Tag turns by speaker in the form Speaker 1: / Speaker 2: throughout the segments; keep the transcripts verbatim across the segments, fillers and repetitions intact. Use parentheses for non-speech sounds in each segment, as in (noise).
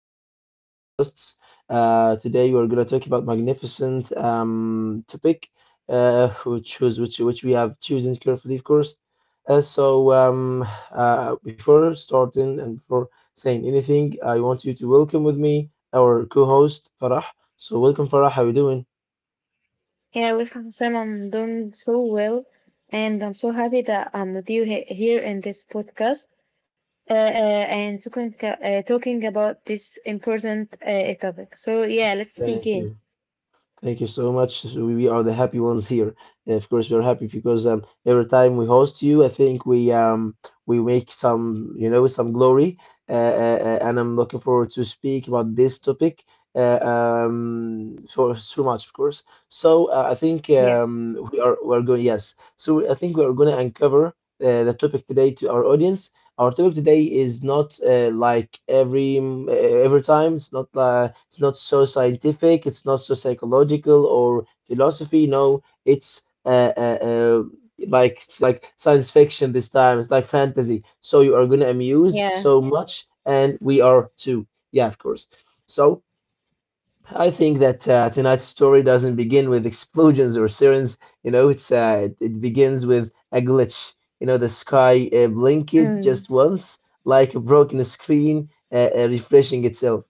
Speaker 1: our series of podcasts. Uh, today, we're going to talk about magnificent um, topic, uh, which was which which we have chosen carefully, of course. Uh, so, um, uh, before starting and before saying anything, I want you to welcome with me our co-host Farah. So, welcome, Farah. How are you doing?
Speaker 2: Yeah, welcome, Sam. I'm doing so well, and I'm so happy that I'm with you he- here in this podcast uh, uh, and talking, uh, talking about this important uh, topic. So, yeah, let's
Speaker 1: Thank
Speaker 2: begin.
Speaker 1: you. Thank you so much. So We we are the happy ones here. And of course, we are happy because um, every time we host you, I think we um we make some you know some glory. Uh, uh, uh, and I'm looking forward to speak about this topic. Uh, um, for so much, of course. So uh, I think
Speaker 2: Yeah,
Speaker 1: um we are we're going yes. So I think we are going to uncover uh, the topic today to our audience. Our topic today is not uh, like every mm, uh, every time. It's not uh, it's not so scientific. It's not so psychological or philosophy. No, it's uh, uh, uh, like it's like science fiction this time. It's like fantasy. So you are gonna amuse
Speaker 2: yeah,
Speaker 1: so much, and we are too. Yeah, of course. So I think that uh, tonight's story doesn't begin with explosions or sirens. You know, it's uh, it, it begins with a glitch. You know, the sky uh, blinked
Speaker 2: mm,
Speaker 1: just once, like a broken screen uh, uh, refreshing itself.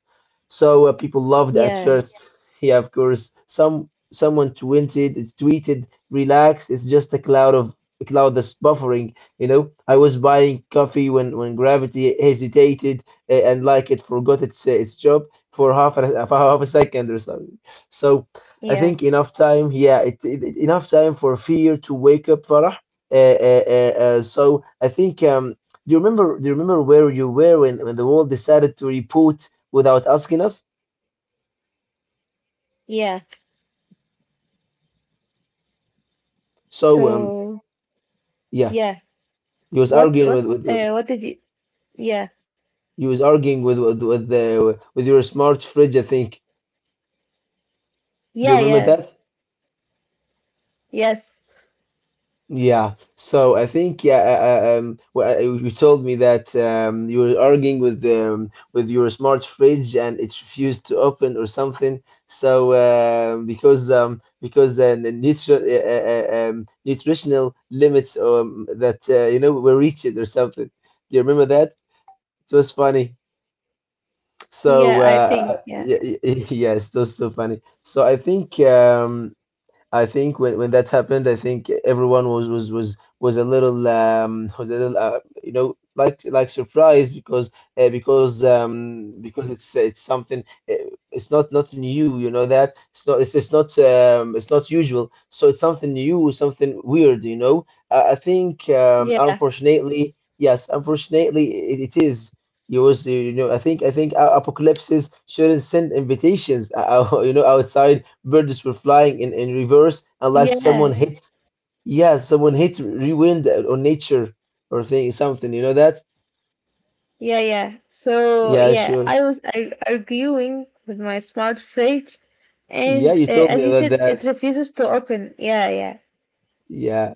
Speaker 1: So uh, people loved at
Speaker 2: yeah,
Speaker 1: first. Yeah, of course. Some someone tweeted, it's tweeted, relax. It's just a cloud of a cloud that's buffering. You know, I was buying coffee when when gravity hesitated uh, and like it forgot its uh, its job for half a (laughs) for half a second or something. So I
Speaker 2: yeah,
Speaker 1: think enough time. Yeah, it, it, it- enough time for fear to wake up Farah. Uh, uh, uh, uh, so I think um, do you remember? Do you remember where you were when, when the world decided to report without asking us?
Speaker 2: yeah.
Speaker 1: So um,
Speaker 2: So,
Speaker 1: yeah,
Speaker 2: yeah,
Speaker 1: he was
Speaker 2: what,
Speaker 1: arguing with,
Speaker 2: what,
Speaker 1: with,
Speaker 2: uh,
Speaker 1: with
Speaker 2: what did you? Yeah,
Speaker 1: he was arguing with with with, the, with your smart fridge, I think. Do you
Speaker 2: yeah,
Speaker 1: remember
Speaker 2: yeah,
Speaker 1: that?
Speaker 2: yes,
Speaker 1: Yeah, so I think yeah, uh, uh, um, well, uh, you told me that um, you were arguing with um, with your smart fridge and it refused to open or something. So um, because um, because uh, the nutri uh, uh, uh, um, nutritional limits um, that uh, you know were reached or something. Do you remember that? It was funny.
Speaker 2: yeah.
Speaker 1: So
Speaker 2: I think,
Speaker 1: uh,
Speaker 2: yeah,
Speaker 1: yeah, (laughs) yes, it was so funny. So I think. Um, I think when, when that happened, I think everyone was was was was a little um was a little uh, you know like like surprised because uh, because um because it's it's something uh, it's not not new you know that it's not it's, it's not um it's not usual so it's something new something weird you know uh, I think um
Speaker 2: yeah,
Speaker 1: unfortunately yes unfortunately it, it is. You was you know I think I think uh, apocalypses shouldn't send invitations uh, uh, (laughs) you know outside. Birds were flying in, in reverse, and like someone
Speaker 2: yeah,
Speaker 1: hit, yeah, someone hit rewind on nature or thing something. You know that?
Speaker 2: yeah, yeah. So
Speaker 1: Yeah,
Speaker 2: yeah,
Speaker 1: sure.
Speaker 2: I was ar- arguing with my smart fridge,
Speaker 1: Yeah,
Speaker 2: and
Speaker 1: you
Speaker 2: uh,
Speaker 1: told
Speaker 2: as
Speaker 1: me
Speaker 2: you
Speaker 1: about
Speaker 2: said, it
Speaker 1: that.
Speaker 2: refuses to open. Yeah, yeah,
Speaker 1: Yeah.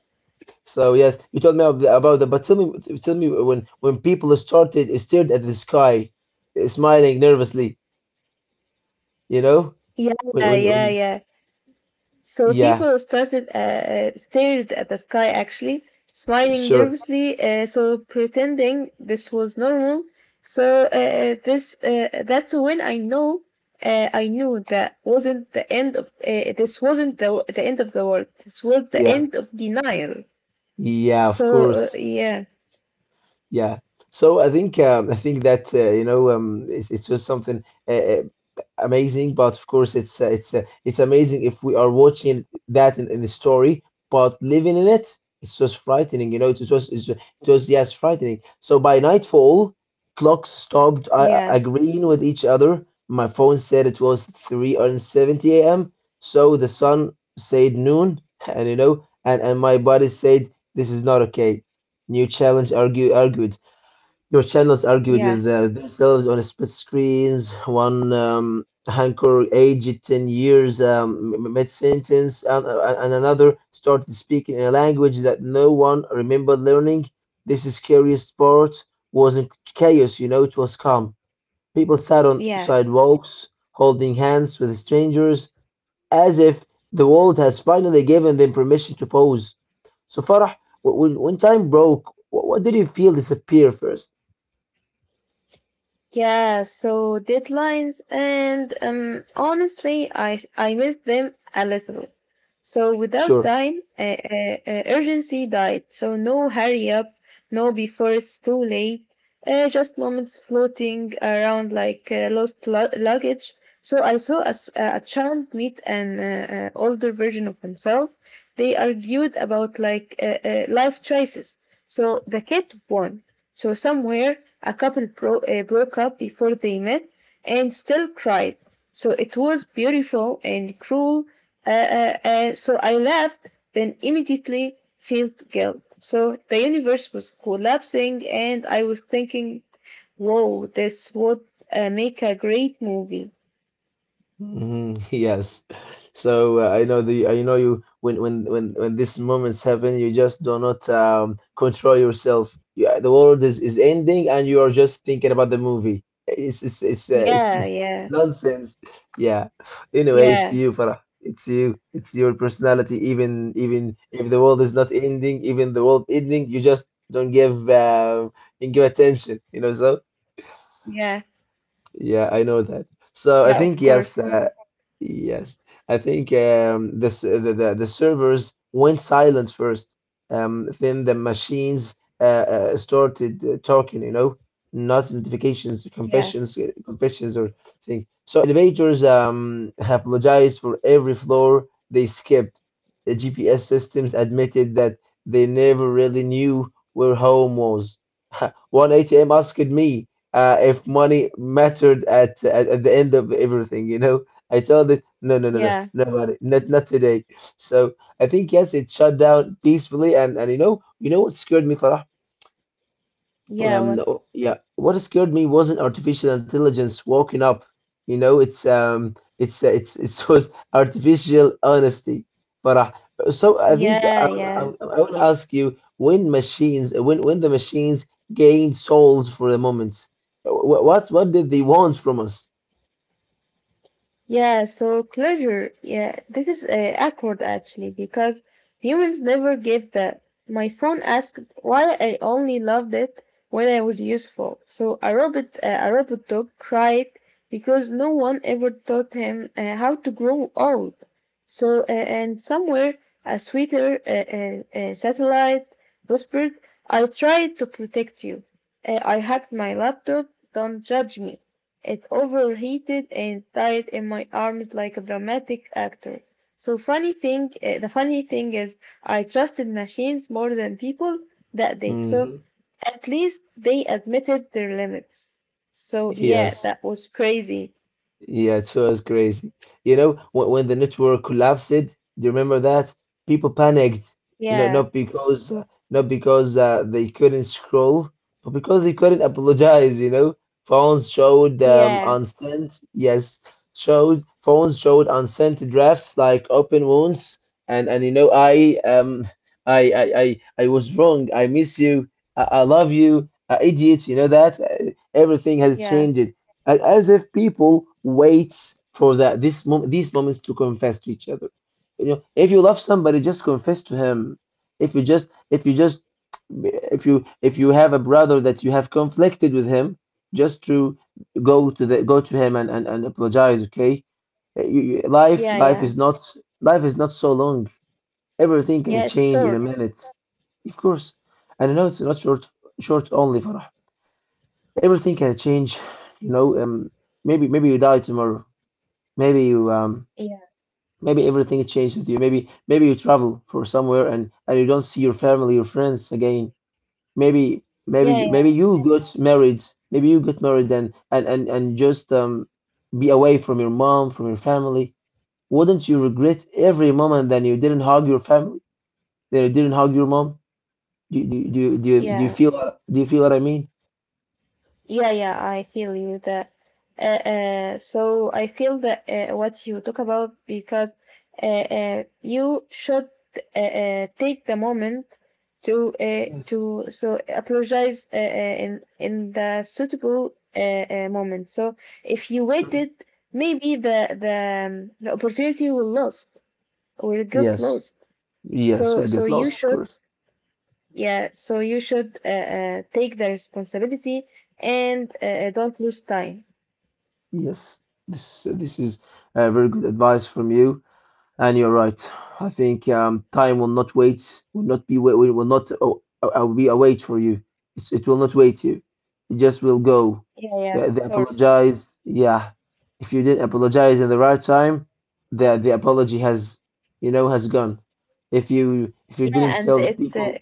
Speaker 1: So yes, you told me ab- about that. But tell me, tell me when when people started stared at the sky, uh, smiling nervously. You know,
Speaker 2: yeah,
Speaker 1: when
Speaker 2: yeah,
Speaker 1: when
Speaker 2: yeah,
Speaker 1: when
Speaker 2: yeah. So
Speaker 1: yeah,
Speaker 2: people started uh, uh, stared at the sky, actually smiling
Speaker 1: sure,
Speaker 2: nervously, uh, so pretending this was normal. So uh, uh, this uh, that's when I know uh, I knew that wasn't the end of uh, this wasn't the the end of the world. This was the
Speaker 1: yeah,
Speaker 2: end of denial.
Speaker 1: yeah, of
Speaker 2: So,
Speaker 1: course.
Speaker 2: uh, yeah,
Speaker 1: Yeah. So I think um, I think that uh, you know um, it's it's just something uh, uh, amazing. But of course, it's uh, it's uh, it's amazing if we are watching that in, in the story, but living in it, it's just frightening. You know, it was it's, it was yes, frightening. So by nightfall, clocks stopped uh,
Speaker 2: yeah,
Speaker 1: agreeing with each other. My phone said it was three seventy a m. So the sun said noon, (laughs) and you know, and and my body said this is not okay. New challenge argue, argued. Your channels argued
Speaker 2: yeah,
Speaker 1: with uh, themselves on split screens. One um, anchor aged ten years um, m- mid sentence, and, uh, and another started speaking in a language that no one remembered learning. This is scariest part wasn't chaos, you know, it was calm. People sat on
Speaker 2: yeah.
Speaker 1: sidewalks, holding hands with strangers, as if the world has finally given them permission to pause. So Farah, wh- when, when time broke, wh- what did you feel disappear first?
Speaker 2: Yeah, so deadlines and um, honestly, I I miss them a little. So without
Speaker 1: Sure.
Speaker 2: time, uh, uh, uh, urgency died. So no hurry up, no before it's too late. Uh, just moments floating around like uh, lost lu- luggage. So I saw a, s- a child meet an uh, uh, older version of himself. They argued about like uh, uh, life choices. So the kid won, so somewhere a couple bro- uh, broke up before they met and still cried. So it was beautiful and cruel. Uh, uh, uh, so I laughed, then immediately felt guilt. So the universe was collapsing, and I was thinking, "Whoa, this would uh, make a great movie."
Speaker 1: Mhm, (laughs) yes. So uh, I know the I know you when when when when these moments happen, you just do not um control yourself. Yeah, the world is is ending, and you are just thinking about the movie. It's it's it's uh, it's,
Speaker 2: Yeah,
Speaker 1: (laughs) it's
Speaker 2: yeah,
Speaker 1: nonsense. Yeah. Anyway, it's
Speaker 2: yeah,
Speaker 1: you, Farah. It's you. It's your personality. Even even if the world is not ending, even the world ending, you just don't give uh, don't give attention. You know, so.
Speaker 2: yeah,
Speaker 1: Yeah, I know that. So I
Speaker 2: yeah. Of
Speaker 1: think yes,
Speaker 2: course.
Speaker 1: uh, yes. I think um, the, s- the the the servers went silent first. Um, then the machines uh, uh, started uh, talking. You know, not notifications,
Speaker 2: Yeah,
Speaker 1: confessions, uh, confessions or thing. So elevators um apologized for every floor they skipped. The G P S systems admitted that they never really knew where home was. (laughs) One A T M asked me uh, if money mattered at, at at the end of everything, you know. I told it, no, no, no, no,
Speaker 2: yeah,
Speaker 1: nobody, not not today. So I think yes, it shut down peacefully, and and you know, you know what scared me, Farah?
Speaker 2: yeah.
Speaker 1: Um
Speaker 2: What?
Speaker 1: o- yeah what scared me wasn't artificial intelligence walking up you know it's um it's uh, it's it was (laughs) artificial honesty, Farah. So I think I,
Speaker 2: Yeah,
Speaker 1: I,
Speaker 2: yeah.
Speaker 1: I would ask you when machines when when the machines gained souls for the moment, wh- what what did they want from us?
Speaker 2: Yeah, so closure. Yeah, this is uh, awkward actually because humans never give that. My phone asked why I only loved it when I was useful. So a robot, uh, a robot dog cried because no one ever taught him uh, how to grow old. So uh, and somewhere a sweeter uh, uh, uh, satellite whispered, "I tried to protect you. Uh, I hacked my laptop. Don't judge me." It overheated and died in my arms like a dramatic actor. So funny thing, uh, the funny thing is, I trusted machines more than people that day. So
Speaker 1: Hmm.
Speaker 2: at least they admitted their limits. So yeah,
Speaker 1: Yes.
Speaker 2: that was crazy.
Speaker 1: Yeah, it was crazy. You know, when, when the network collapsed, do you remember that? People panicked. You know,
Speaker 2: Yeah,
Speaker 1: not because uh, not because uh, they couldn't scroll, but because they couldn't apologize. You know, phones showed um,
Speaker 2: yeah,
Speaker 1: unsent. Yes, showed phones showed unsent drafts like open wounds. And and you know, I um, I I I, I was wrong. I miss you. I, I love you. Uh, idiot. You know that. Uh, everything has
Speaker 2: yeah,
Speaker 1: changed. A- As if people waits for that this moment, these moments to confess to each other. You know, if you love somebody, just confess to him. If you just if you just if you if you have a brother that you have conflicted with him, just to go to the go to him and, and, and apologize, okay? Uh, you- you- life
Speaker 2: yeah,
Speaker 1: life
Speaker 2: yeah,
Speaker 1: is not life is not so long. Everything can
Speaker 2: yeah. It's
Speaker 1: change in a
Speaker 2: short.
Speaker 1: minute. Of course. And I know it's not short short only, Farah. Everything can change, you know, um maybe maybe you die tomorrow. Maybe you um
Speaker 2: Yeah,
Speaker 1: Maybe everything changed with you. Maybe maybe you travel for somewhere and and you don't see your family, your friends again. Maybe maybe
Speaker 2: yeah,
Speaker 1: maybe
Speaker 2: yeah,
Speaker 1: you got married. Maybe you got married and and and and just um be away from your mom, from your family. Wouldn't you regret every moment that you didn't hug your family, that you didn't hug your mom? Do you- do you- do you- do you, do you
Speaker 2: yeah.
Speaker 1: feel do you feel what I mean?
Speaker 2: Yeah, yeah, I feel you that. Uh, uh, so I feel that uh, what you talk about because uh, uh, you should uh, uh, take the moment to uh,
Speaker 1: Yes,
Speaker 2: to so apologize uh, uh, in in the suitable uh, uh, moment. So if you
Speaker 1: sure.
Speaker 2: waited, maybe the the, um, the opportunity will lost, will get
Speaker 1: Yes,
Speaker 2: lost.
Speaker 1: yes,
Speaker 2: So
Speaker 1: we'll
Speaker 2: so
Speaker 1: get
Speaker 2: you
Speaker 1: lost, of
Speaker 2: should,
Speaker 1: course.
Speaker 2: yeah, so you should uh, uh, take the responsibility and uh, uh, don't lose time.
Speaker 1: Yes, this this is uh, very good advice from you, and you're right. I think um, time will not wait, will not be wait, will not oh, uh, be await for you. It's, it will not wait you. It just will go.
Speaker 2: Yeah, yeah, of
Speaker 1: Yeah, they
Speaker 2: course.
Speaker 1: apologize. Yeah, if you didn't apologize in the right time, the the apology has, you know, has gone. If you if you
Speaker 2: Yeah,
Speaker 1: didn't
Speaker 2: and
Speaker 1: tell the
Speaker 2: it uh,
Speaker 1: people,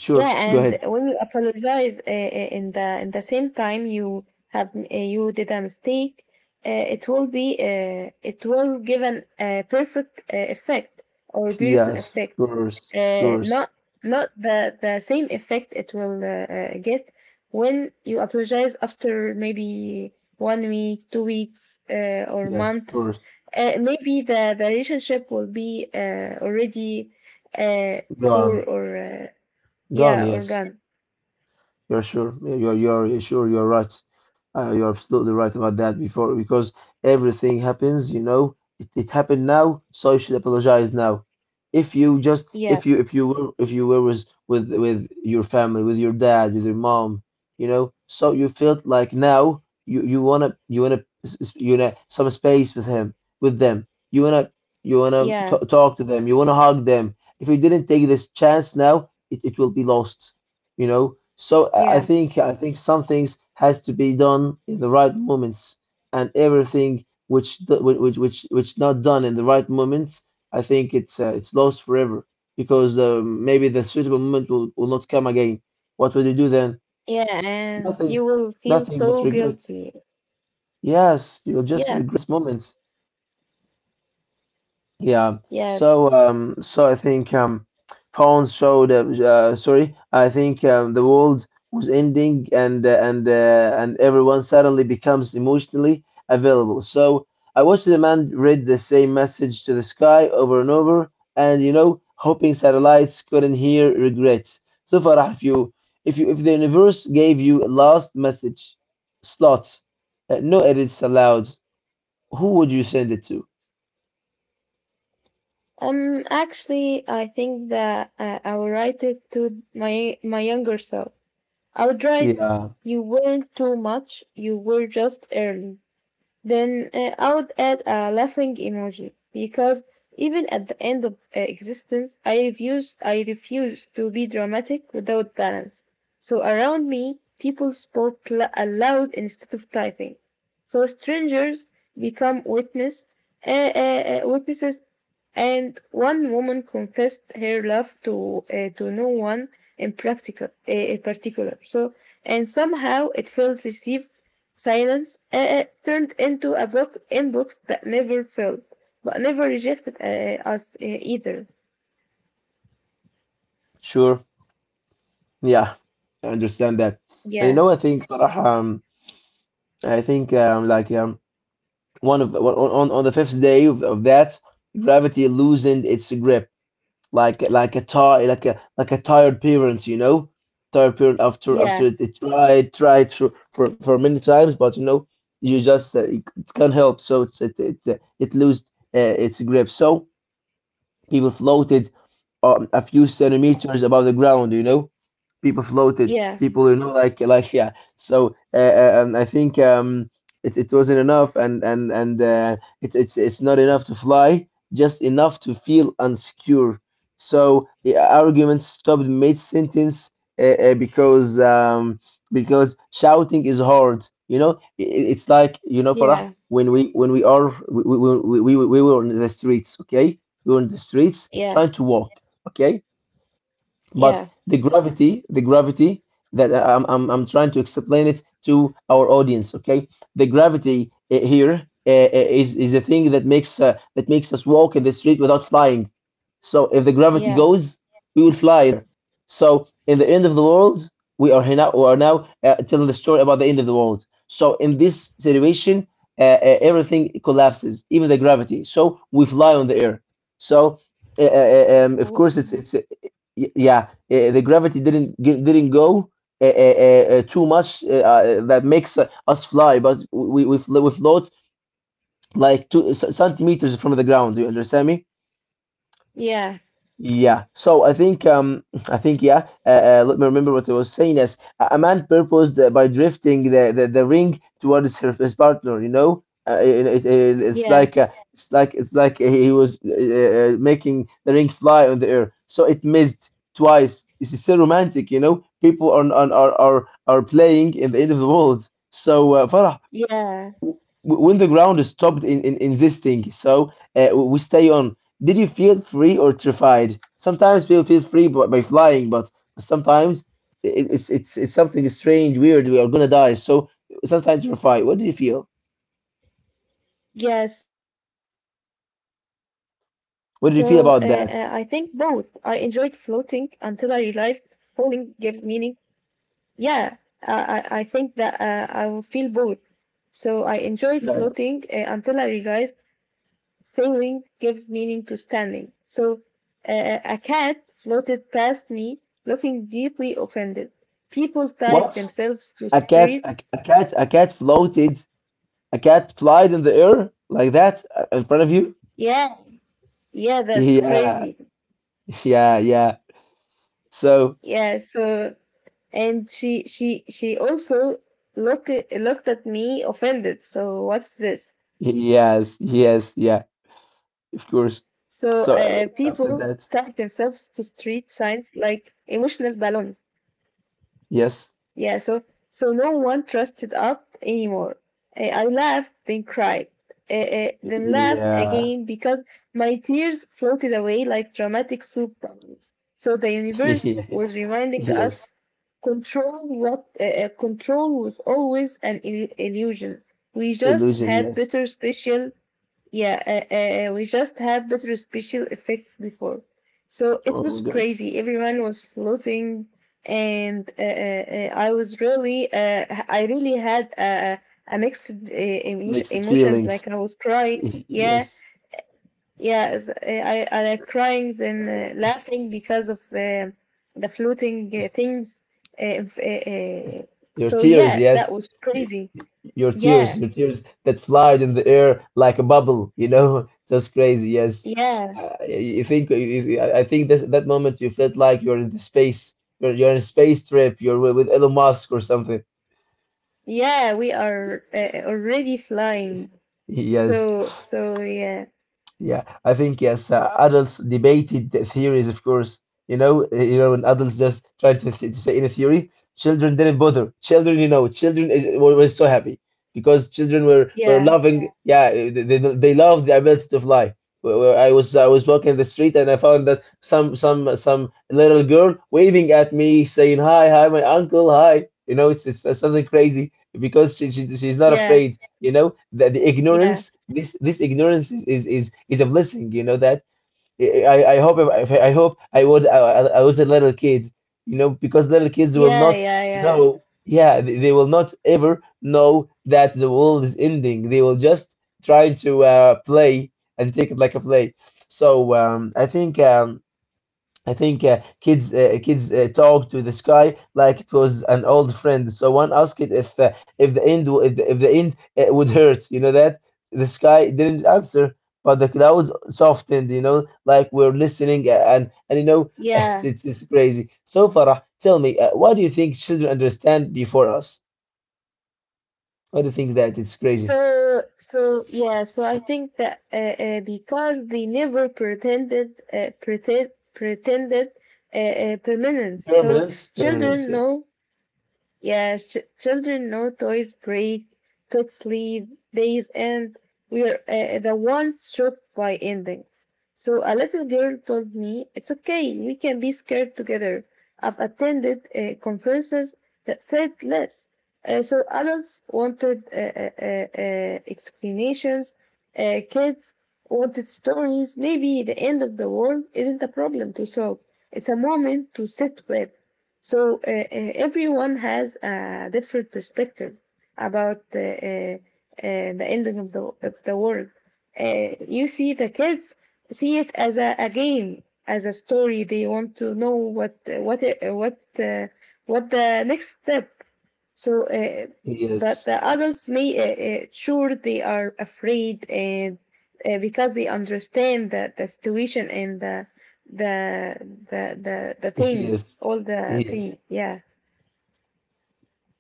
Speaker 1: sure,
Speaker 2: Yeah,
Speaker 1: go
Speaker 2: and
Speaker 1: ahead.
Speaker 2: when you apologize uh, uh, in the in the same time you have, uh, you did a mistake, uh, it will be, uh, it will give an uh, perfect uh, effect or beautiful
Speaker 1: Yes, of
Speaker 2: effect.
Speaker 1: course, of
Speaker 2: Uh,
Speaker 1: course.
Speaker 2: not not the the same effect it will uh, uh, get when you apologize after maybe one week, two weeks, uh, or
Speaker 1: Yes, of
Speaker 2: months.
Speaker 1: course.
Speaker 2: Uh, maybe the the relationship will be uh, already uh, poor
Speaker 1: Gone.
Speaker 2: or. Uh,
Speaker 1: Gone,
Speaker 2: yeah,
Speaker 1: yes.
Speaker 2: organ.
Speaker 1: You're sure. Yeah, You're you're sure. You're right. Uh, you're absolutely right about that. Before because everything happens, you know, it, it happened now, so you should apologize now. If you just
Speaker 2: Yeah,
Speaker 1: if you if you were if you were with with with your family, with your dad, with your mom, you know, so you felt like now you you wanna you wanna s- s- you know some space with him with them. You wanna you wanna
Speaker 2: yeah,
Speaker 1: c- talk to them. You wanna hug them. If you didn't take this chance now, it, it will be lost you know. So I I
Speaker 2: yeah,
Speaker 1: think I think some things has to be done in the right moments, and everything which do- whi- which which which not done in the right moments, I think it's uh, it's lost forever because uh, maybe the suitable moment will, will not come again. What will you do then?
Speaker 2: yeah, and
Speaker 1: Nothing,
Speaker 2: you will feel
Speaker 1: nothing but
Speaker 2: so
Speaker 1: regret.
Speaker 2: guilty.
Speaker 1: Yes, you'll just
Speaker 2: Yeah,
Speaker 1: regret moments. Yeah.
Speaker 2: yeah.
Speaker 1: So um so I think um Pawn showed uh, uh, sorry, I think um the world was ending and uh, and uh, and everyone suddenly becomes emotionally available. So I watched the man read the same message to the sky over and over and you know hoping satellites couldn't hear regrets. So Farah, if you if you if the universe gave you a last message slot, uh, no edits allowed, who would you send it to?
Speaker 2: Um, actually, I think that uh, I would write it to my my younger self. I would write,
Speaker 1: Yeah,
Speaker 2: "You weren't too much. You were just early." Then uh, I would add a laughing emoji because even at the end of uh, existence, I refuse, I refuse to be dramatic without balance. So around me, people spoke la- aloud instead of typing. So strangers become witness, uh, uh, uh, witnesses, and one woman confessed her love to uh, to no one in practical, uh, in particular. So and somehow it felt received, silence uh, turned into a book in books that never filled, but never rejected uh, us uh, either.
Speaker 1: sure. Yeah, I understand that. And you
Speaker 2: Yeah,
Speaker 1: know, I think Farah, um, I think um, like um, one of on on on the fifth day of, of that, gravity loosened its grip, like like a ti like a like a tired parent, you know, tired parent after
Speaker 2: yeah,
Speaker 1: after it, it tried tried for, for for many times, but you know, you just uh, it, it can't help, so it's it it uh, it lost uh, its grip. So. People floated um, a few centimeters above the ground, you know? People floated.
Speaker 2: yeah,
Speaker 1: People, you know, like, like yeah. So uh, uh, um, I think um, it, it wasn't enough, and and and uh, it, it's it's not enough to fly, just enough to feel unsecure. So the argument stopped mid sentence uh, uh, because um, because shouting is hard. You know, I- i- it's like you know, Farah,
Speaker 2: yeah,
Speaker 1: when we when we are we we, we, we, we were in the streets, okay? We were in the streets
Speaker 2: yeah,
Speaker 1: trying to walk, okay? But
Speaker 2: yeah,
Speaker 1: the gravity, the gravity that I- I'm, I'm, I'm trying to explain it to our audience, okay? The gravity uh, here uh, is is a thing that makes uh, that makes us walk in the street without flying. So if the gravity
Speaker 2: yeah.
Speaker 1: goes, we will fly there. So in the end of the world, we are here now, we are now uh, telling the story about the end of the world. So in this situation, uh, uh, everything collapses, even the gravity. So we fly on the air. So uh, uh, um, of
Speaker 2: Wo-
Speaker 1: course, it's it's. Y- yeah, uh, the gravity didn't gi- didn't go uh, uh, uh, uh, too much uh, uh, that makes uh, us fly, but we we, fl- we float like two c- centimeters from the ground. You understand me?
Speaker 2: Yeah,
Speaker 1: Yeah, so I think um (laughs) I think yeah. Uh, uh, let me remember what I was saying. As a a man purposed uh, by drifting the, the, the ring towards her, his partner. You know, uh, it, it, it- it's
Speaker 2: yeah,
Speaker 1: like uh, it's like it's like uh, he was uh, uh, uh, making the ring fly on the air. So it missed twice. It's so romantic. You know, people are are are are, are playing in the end of the world. So uh, Farah,
Speaker 2: yeah,
Speaker 1: w- when the ground stopped in, in insisting, so uh, we stay on. Did you feel free or terrified? Sometimes people feel free by, by flying, but sometimes it, it's it's it's something strange, weird. We are gonna die, so sometimes terrified. What did you feel?
Speaker 2: yeah. So uh, uh, I think both. I enjoyed
Speaker 1: What did you feel
Speaker 2: floating
Speaker 1: about that?
Speaker 2: until I realized falling gives meaning. Yeah, uh, I I think that uh, I will feel both. So I enjoyed floating uh,
Speaker 1: Yeah.
Speaker 2: until I realized failing gives meaning to standing. So uh, a cat floated past me, looking deeply offended. People tied
Speaker 1: What?
Speaker 2: themselves to
Speaker 1: A cat,
Speaker 2: street.
Speaker 1: a, a cat, a cat floated. A cat flied in the air like that uh, in front of you.
Speaker 2: Yeah, yeah, that's
Speaker 1: Yeah,
Speaker 2: crazy.
Speaker 1: yeah, yeah. So
Speaker 2: Yeah, so and she she she also look looked at me offended. So what's this?
Speaker 1: yes,
Speaker 2: So uh,
Speaker 1: yes, yeah.
Speaker 2: people tied
Speaker 1: Of course.
Speaker 2: themselves to
Speaker 1: So
Speaker 2: street
Speaker 1: uh,
Speaker 2: signs
Speaker 1: after
Speaker 2: like
Speaker 1: that,
Speaker 2: emotional balloons. Yeah, so
Speaker 1: yes,
Speaker 2: so no one trusted up anymore. Eh, I laughed, then cried, eh, eh, then laughed again
Speaker 1: yeah,
Speaker 2: because my tears floated away like dramatic soup bubbles. So the
Speaker 1: (laughs)
Speaker 2: universe
Speaker 1: yes,
Speaker 2: was reminding us, control what eh, eh, control was always an il- illusion. We just
Speaker 1: illusion,
Speaker 2: had
Speaker 1: yes.
Speaker 2: better special, yeah, uh, uh, we just had better special effects before. So it
Speaker 1: Oh
Speaker 2: was
Speaker 1: my God,
Speaker 2: crazy. Everyone was floating, and uh, uh, uh, I was really, uh, I really had a, a mixed uh, emotion,
Speaker 1: makes it
Speaker 2: emotions.
Speaker 1: feelings,
Speaker 2: Like I was
Speaker 1: (laughs)
Speaker 2: crying. Yeah,
Speaker 1: yes.
Speaker 2: yeah. s- uh, I, I like crying then uh, laughing because of uh, the floating uh, things. Uh, if- uh, uh,
Speaker 1: Your
Speaker 2: so
Speaker 1: tears,
Speaker 2: yeah, that
Speaker 1: yes,
Speaker 2: was
Speaker 1: Y-
Speaker 2: crazy.
Speaker 1: your tears,
Speaker 2: Yeah,
Speaker 1: your tears that flied in the air like a bubble, you know. (laughs) That's crazy, yes.
Speaker 2: yeah.
Speaker 1: Uh, y- you think, you- you- I I think that that moment you felt like you're in the space, you're you're in a space trip, you're with with Elon Musk or something.
Speaker 2: Yeah, we are uh, already flying.
Speaker 1: (laughs) Yes,
Speaker 2: So, so yeah,
Speaker 1: yeah, I think yes. Uh, adults debated the theories, of course. You know, uh, you know, when adults just try to, th to say in a theory, children didn't bother. Children, you know, children is, were, were so happy because children were were
Speaker 2: yeah,
Speaker 1: loving. Yeah. Yeah, uh, they they, they love the ability to fly. Where where I was I was walking the street, and I found that some some some little girl waving at me, saying hi, hi, my uncle, hi. You know, it's it's uh, something crazy because she, she she's not
Speaker 2: yeah,
Speaker 1: afraid. you know the, the
Speaker 2: yeah,
Speaker 1: ignorance, this this ignorance is, is is is a blessing. You know that I I hope if I hope I would I, I I was a little kid, you know because little kids will
Speaker 2: yeah,
Speaker 1: not
Speaker 2: yeah, yeah,
Speaker 1: know. Yeah, they, they will not ever know that the world is ending. They will just try to uh play and take it like a play. So um i think um I think uh, kids uh, kids uh, talk to the sky like it was an old friend. So one asked it if uh, if the end w- if the, if the end uh, would hurt. You know that the sky didn't answer, but the clouds softened. You know, like we're listening, uh, and and you know (laughs) it's
Speaker 2: yeah.
Speaker 1: it's, it's crazy. So Farah, tell me, uh, why do you think children understand before us? Why do you think that it's crazy?
Speaker 2: So, so yeah, so I think that uh, uh, because they never pretended, uh, pretend, pretended uh, uh, permanence. So
Speaker 1: Permanence, permanence.
Speaker 2: children
Speaker 1: Yeah.
Speaker 2: know, yeah, ch- children know toys break, pets leave, days end. We are uh, the ones shocked by endings. So a little girl told me, it's okay, we can be scared together. I've attended uh, conferences that said less. Uh, so adults wanted uh, uh, uh, uh, explanations, uh, kids wanted stories. Maybe the end of the world isn't a problem to solve. It's a moment to sit with. So uh, uh, everyone has a different perspective about uh, uh, uh, the ending of the of the world. Uh, you see, the kids see it as a, a game, as a story. They want to know what uh, what uh, what uh, what the next step. So, uh,
Speaker 1: Yes.
Speaker 2: but the adults may uh, uh, sure they are afraid and uh, because they understand that the situation and the the the the the
Speaker 1: (laughs)
Speaker 2: thing,
Speaker 1: Yes.
Speaker 2: all the
Speaker 1: Yes.
Speaker 2: thing. Yeah,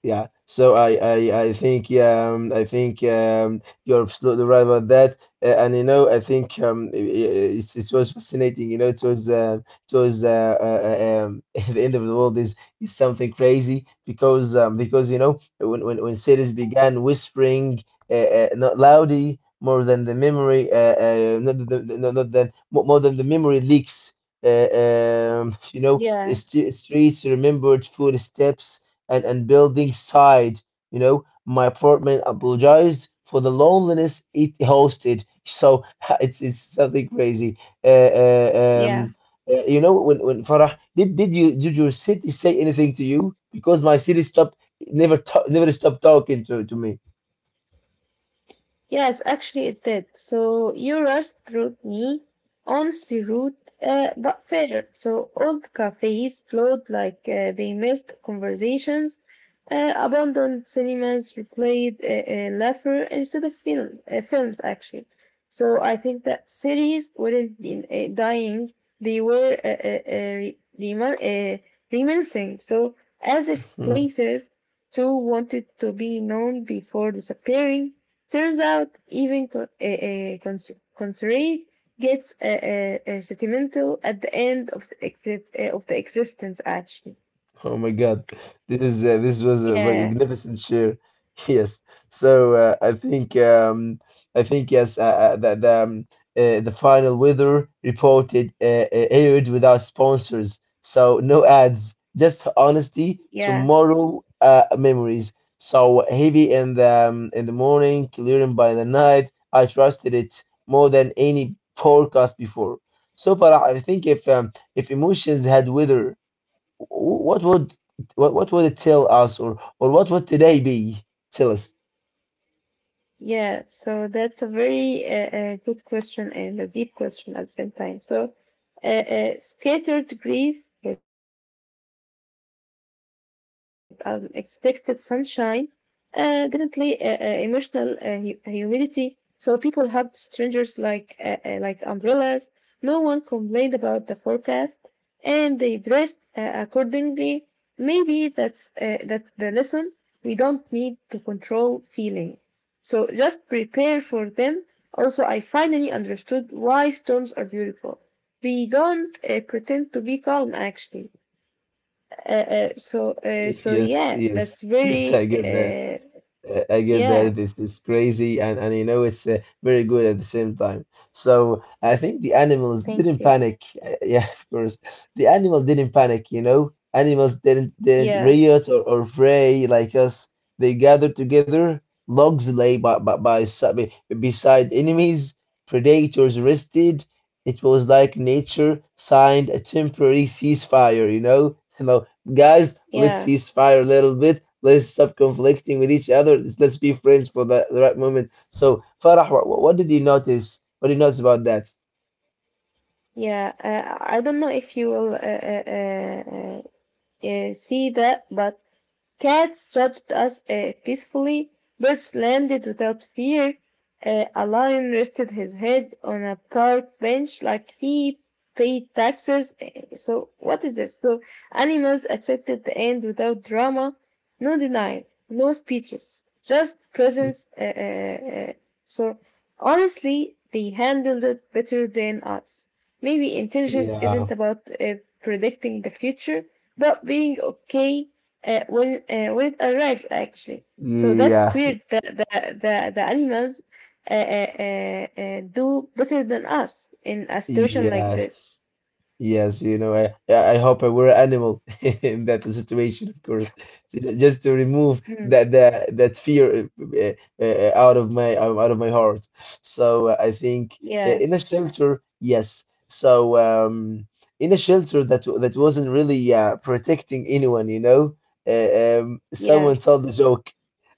Speaker 1: Yeah, so I, I, I think um, I think um, you're absolutely right about that, uh, and you know I think um, i i- it's, it was fascinating. You know, it was uh, it was uh, uh, uh, um, (laughs) the end of the world is is something crazy because um, because you know when when, when cities began whispering, uh, uh, not loudly more than the memory, uh, uh, not the, the, not not than more more than the memory leaks. Uh, um, (laughs) you know,
Speaker 2: yeah,
Speaker 1: st streets remembered footsteps, and, and building side. You know, my apartment apologized for the loneliness it hosted. So (laughs) it's it's something crazy. Uh, uh,
Speaker 2: yeah.
Speaker 1: um, uh, you know, when when Farah, did did you did your city say anything to you? Because my city stopped never ta never stopped talking to to me.
Speaker 2: Yes, actually it did. So you rushed through me, honestly rude, uh, but fair. So old cafes flowed like uh, they missed conversations. Uh, abandoned cinemas replayed uh, uh, laughter instead of film, uh, films, actually. So I think that cities weren't uh, dying, they were uh, uh, uh, re- remin- uh, reminiscing. So as if places too wanted to be known before disappearing. Turns out, even co- a, a cons- Consoray gets a, a, a sentimental at the end of the exit uh, of the existence. Actually,
Speaker 1: Oh my God, this is uh, this was a
Speaker 2: yeah,
Speaker 1: magnificent share. (laughs) Yes, so uh, I think um, I think yes uh, uh, that the um, uh, the final weather reported uh, uh, aired without sponsors, so no ads, just honesty.
Speaker 2: yeah,
Speaker 1: Tomorrow uh, memories. So heavy in the um, in the morning, clearing by the night. I trusted it more than any podcast before. So far, I think if um, if emotions had weather, what would what, what would it tell us, or or what would today be? Tell us.
Speaker 2: yeah. So that's a very uh, uh, good question and a deep question at the same time. So, uh, uh, scattered grief with unexpected sunshine, uh, definitely uh, uh, emotional uh, hu- humidity. So people hugged strangers like uh, uh, like umbrellas. No one complained about the forecast, and they dressed uh, accordingly. Maybe that's uh, that's the lesson. We don't need to control feelings. So just prepare for them. Also, I finally understood why storms are beautiful. They don't uh, pretend to be calm, actually. Uh, uh, so uh, so
Speaker 1: Yes,
Speaker 2: yeah,
Speaker 1: yes,
Speaker 2: that's
Speaker 1: yes, I
Speaker 2: very,
Speaker 1: get that.
Speaker 2: uh,
Speaker 1: Uh, I get
Speaker 2: yeah,
Speaker 1: that it's, it's crazy, and, and you know it's uh, very good at the same time. So I think the animals
Speaker 2: thank
Speaker 1: didn't
Speaker 2: you.
Speaker 1: panic. Uh, yeah, (laughs) of course. The animal didn't panic, you know. Animals didn't didn't
Speaker 2: Yeah,
Speaker 1: riot, or, or fray like us. They gathered together, logs lay by, by, by si- be- beside enemies, predators rested. It was like nature signed a temporary ceasefire, you know. (laughs) Guys, let's
Speaker 2: yeah,
Speaker 1: cease fire a little bit. Let's stop conflicting with each other. Let's, let's be friends for the, the right moment. So, Farah, what, what did you notice? What did you notice about that?
Speaker 2: yeah, uh, I don't know if you will uh, uh, uh, uh, uh, see that, but cats judged us uh, peacefully, birds landed without fear, uh, a lion rested his head on a park bench like he paid taxes. Uh, so what is this? So animals accepted the end without drama. No denial, no speeches, just presence. Uh, uh, uh. So honestly, they handled it better than us. Maybe intelligence isn't
Speaker 1: Yeah.
Speaker 2: about uh, predicting the future, but being okay uh, when uh, when it arrives, actually. So that's
Speaker 1: Yeah,
Speaker 2: weird that the the, the animals uh, uh, uh, uh, do better than us in a situation like this.
Speaker 1: yes. Yes, you know, I I I hope I were an animal (laughs) in that situation, of course. J- just to remove
Speaker 2: Mm,
Speaker 1: that that that fear uh, uh, uh, out of my out of my heart. So uh, I think uh,
Speaker 2: yeah,
Speaker 1: in a shelter, yes. So um, in a shelter that w- that wasn't really uh, protecting anyone, you know. Uh, um,
Speaker 2: yeah,
Speaker 1: someone told the joke.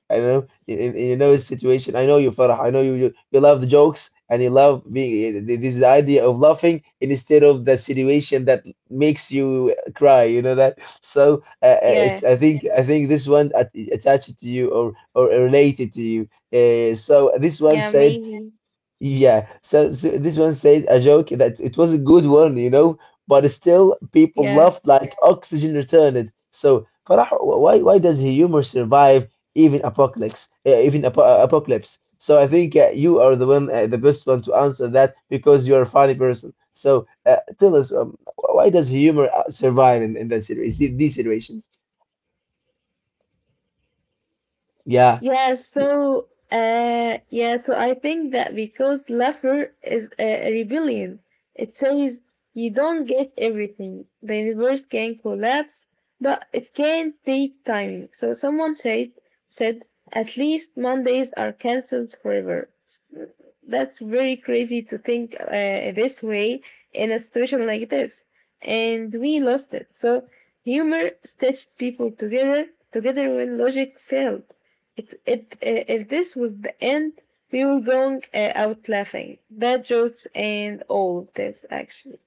Speaker 1: I know in, in in your situation. I know you, Farah. I know you, you. You love the jokes and you love being. This is the idea of laughing instead of the situation that makes you cry. You know that. So uh, uh, it's.
Speaker 2: yeah,
Speaker 1: I think. I think this one at- attached to you or or related to you. Uh, so this one
Speaker 2: yeah,
Speaker 1: said,
Speaker 2: maybe,
Speaker 1: yeah, so, so this one said a joke that it was a good one, you know, but still people
Speaker 2: yeah.
Speaker 1: laughed like oxygen returned. So, Farah, wh- why why does humor survive even apocalypse? Uh, even apo uh, apocalypse. So I think uh, you are the one, uh, the best one to answer that because you are a funny person. So uh, tell us, um, why does humor uh, survive in, in that situ- these situations? Yeah.
Speaker 2: Yeah, so uh yeah, so I think that because laughter is a a rebellion, it says you don't get everything. The universe can collapse, but it can take timing. So someone said said at least Mondays are cancelled forever. That's very crazy to think uh, this way in a situation like this. And we lost it. So humor stitched people together, together when logic failed. It, it, uh, if this was the end, we were going uh, out laughing. Bad jokes and all of this, actually.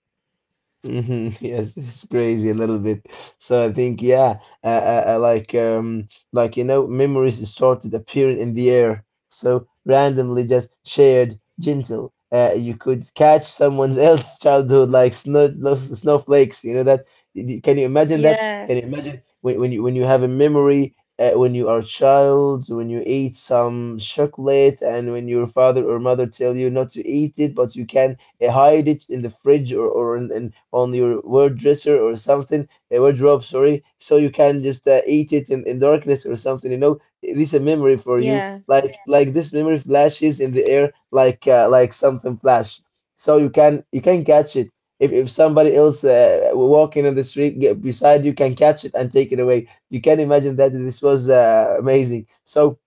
Speaker 1: Hmm. (laughs) Yes, it's crazy a little bit. So I think, yeah, uh, uh, uh, like, um, like you know, memories started appearing in the air, so randomly just shared, gentle. Uh, you could catch someone else's (laughs) childhood like snow, snow- snowflakes. You know that? Y- Can you imagine that?
Speaker 2: Yeah,
Speaker 1: Can you imagine when, when you when you have a memory uh, when you are a child, when you eat some chocolate, and when your father or mother tell you not to eat it, but you can uh, hide it in the fridge or, or in, in, on your dresser or something, a wardrobe, sorry, so you can just uh, eat it in,
Speaker 2: yeah,
Speaker 1: in darkness or something, you know. This is a memory for you, like like this memory flashes in the air, like uh, like something flash, so you can you can catch it. If, if somebody else uh, walking in the street get beside you can catch it and take it away, you can imagine that this was uh, amazing. So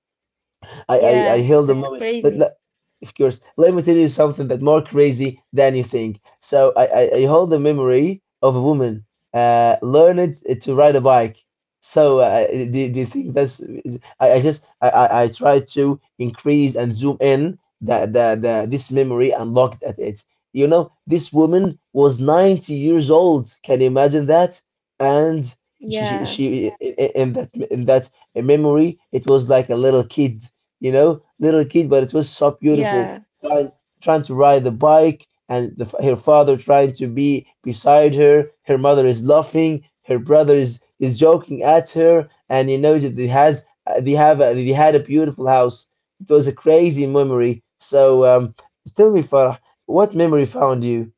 Speaker 1: I, I, I
Speaker 2: yeah.
Speaker 1: hail the
Speaker 2: That's
Speaker 1: moment. Let,
Speaker 2: crazy.
Speaker 1: let, of course, let me tell you something that more crazy than you think. So I, I, I hold the memory of a woman uh, learned uh, to ride a bike. So uh, do, do you think that's? Is- I, I just I, I, I try to increase and zoom in that the, the this memory and looked at it. You know, this woman was ninety years old. Can you imagine that? And she she,
Speaker 2: Yeah,
Speaker 1: she Yeah. i- i- in that in that a memory, it was like a little kid, you know, little kid, but it was so beautiful.
Speaker 2: yeah.
Speaker 1: Trying, trying to ride the bike, and the, her father trying to be beside her. Her mother is laughing. Her brother is, is joking at her, and you know that they has uh, they have a, they had a beautiful house. It was a crazy memory. So um, tell me, Farah, what memory found you?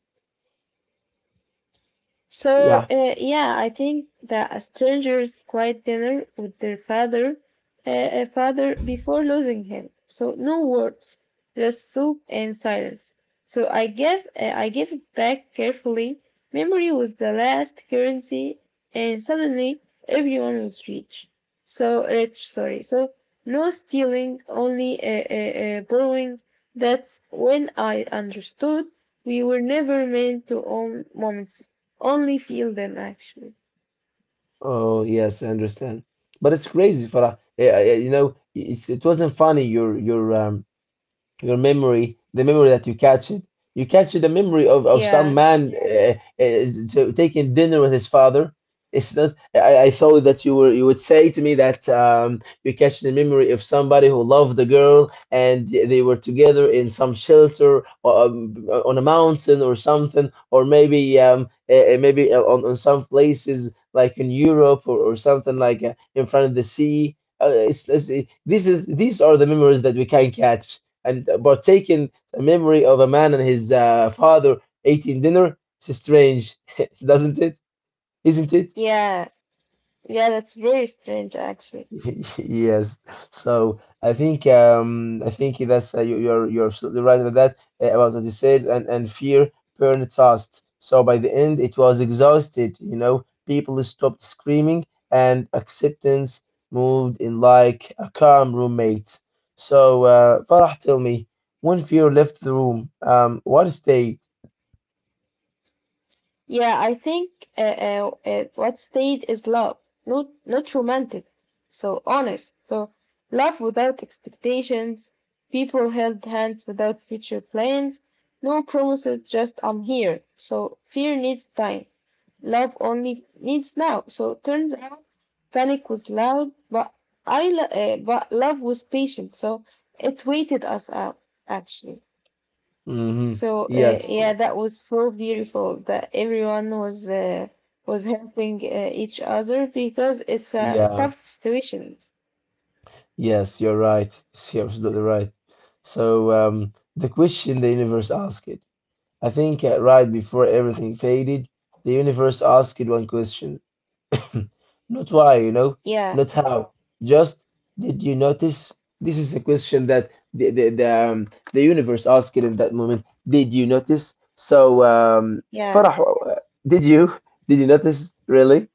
Speaker 2: So
Speaker 1: Yeah.
Speaker 2: uh, yeah, I think that a stranger's quiet dinner with their father, uh, uh, father before losing him. So no words, just soup and silence. So I gave uh, I gave it back carefully. Memory was the last currency, and suddenly everyone was rich. So rich, sorry. So no stealing, only uh, uh, uh, borrowing. That's when I understood we were never meant to own moments only feel them, actually.
Speaker 1: Oh yes, I understand. But it's crazy, Farah. Yeah, yeah, you know, it's it wasn't funny. Your your um your memory, the memory that you catch it. You catch the memory of, of some
Speaker 2: Yeah,
Speaker 1: man uh, uh, so taking dinner with his father. It's not. I, I thought that you were you would say to me that um, you catch the memory of somebody who loved the girl and they were together in some shelter, or um, on a mountain or something, or maybe um, uh, maybe eh, on, on some places like in Europe, or, or something like uh, in front of the sea. Uh, it's, it's, these is these are the memories that we can catch and partake in the memory of a man and his uh, father eating dinner. It's strange, (laughs) doesn't it? Isn't it?
Speaker 2: yeah, yeah. That's very strange, actually.
Speaker 1: (laughs) Yes. So I think um, I think that's uh, you, you're you're absolutely right about that uh, about what you said, and and fear burned fast. So by the end, it was exhausted. You know, people stopped screaming, and acceptance moved in like a calm roommate. So uh, Farah, tell me, when fear left the room, um, what stayed?
Speaker 2: Yeah, I think uh, uh, uh, what stayed is love, not not romantic. So honest. So love without expectations. People held hands without future plans. No promises. Just I'm here. So fear needs time. Love only needs now. So turns out panic was loud, but I lo- uh, but love was patient. So it waited us out, actually.
Speaker 1: Hmm.
Speaker 2: So uh,
Speaker 1: Yes, yeah. Mm,
Speaker 2: yeah, that was so beautiful that everyone was uh, was helping uh, each other because it's a
Speaker 1: yeah,
Speaker 2: tough situation.
Speaker 1: yes, you're right. (laughs) You're absolutely right. So, um, the question the universe asked it, I think uh, right before everything faded, the universe asked it one question. (coughs) Not why, you know,
Speaker 2: Yeah,
Speaker 1: not how. Just, did you notice? This is a question that the the the, um, the universe asked it in that moment. Did you notice? So, um,
Speaker 2: yeah.
Speaker 1: Farah, uh, did you (laughs) did you notice really?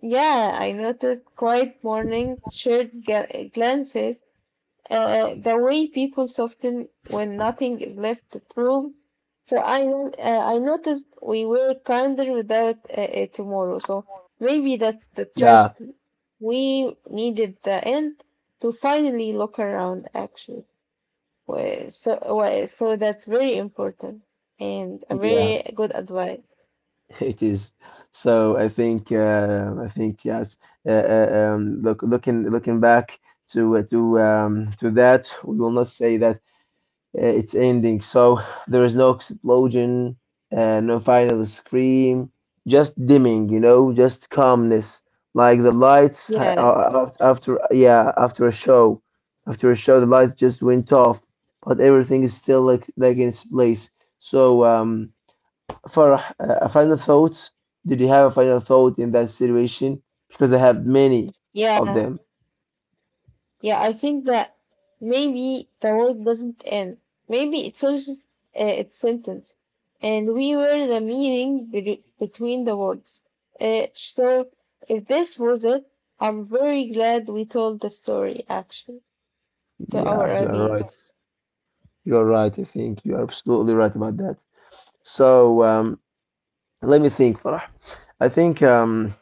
Speaker 2: Yeah, I noticed quiet mornings, shared ga- glances, uh, the way people soften when nothing is left to prove. So I uh, I noticed we were kinder without uh, uh, tomorrow. So maybe that's the
Speaker 1: Yeah,
Speaker 2: tragedy. We needed the end to finally look around, actually. Wa- so wa- so that's very important and a
Speaker 1: yeah.
Speaker 2: very good advice.
Speaker 1: (laughs) It is. So I think uh, I think yes. Uh, uh, um, look, looking looking back to uh, to um, to that, we will not say that uh, it's ending. So there is no explosion, uh, no final scream, just dimming, you know, just calmness, like the lights ha-
Speaker 2: Yeah,
Speaker 1: uh, af- after, yeah, after a show, after a show the lights just went off, but everything is still like like in its place. So um. Farah, uh, a final thought? Did you have a final thought in that situation? Because I have many of
Speaker 2: yeah.
Speaker 1: them.
Speaker 2: Yeah, I think that maybe the world doesn't end. Maybe it finishes uh, its sentence, and we were the meaning be- between the words. Uh, so, if this was it, I'm very glad we told the story, actually, to our
Speaker 1: Yeah, you're right.
Speaker 2: audience.
Speaker 1: You're right. I think you're absolutely right about that. So um, let me think, Farah. I think um,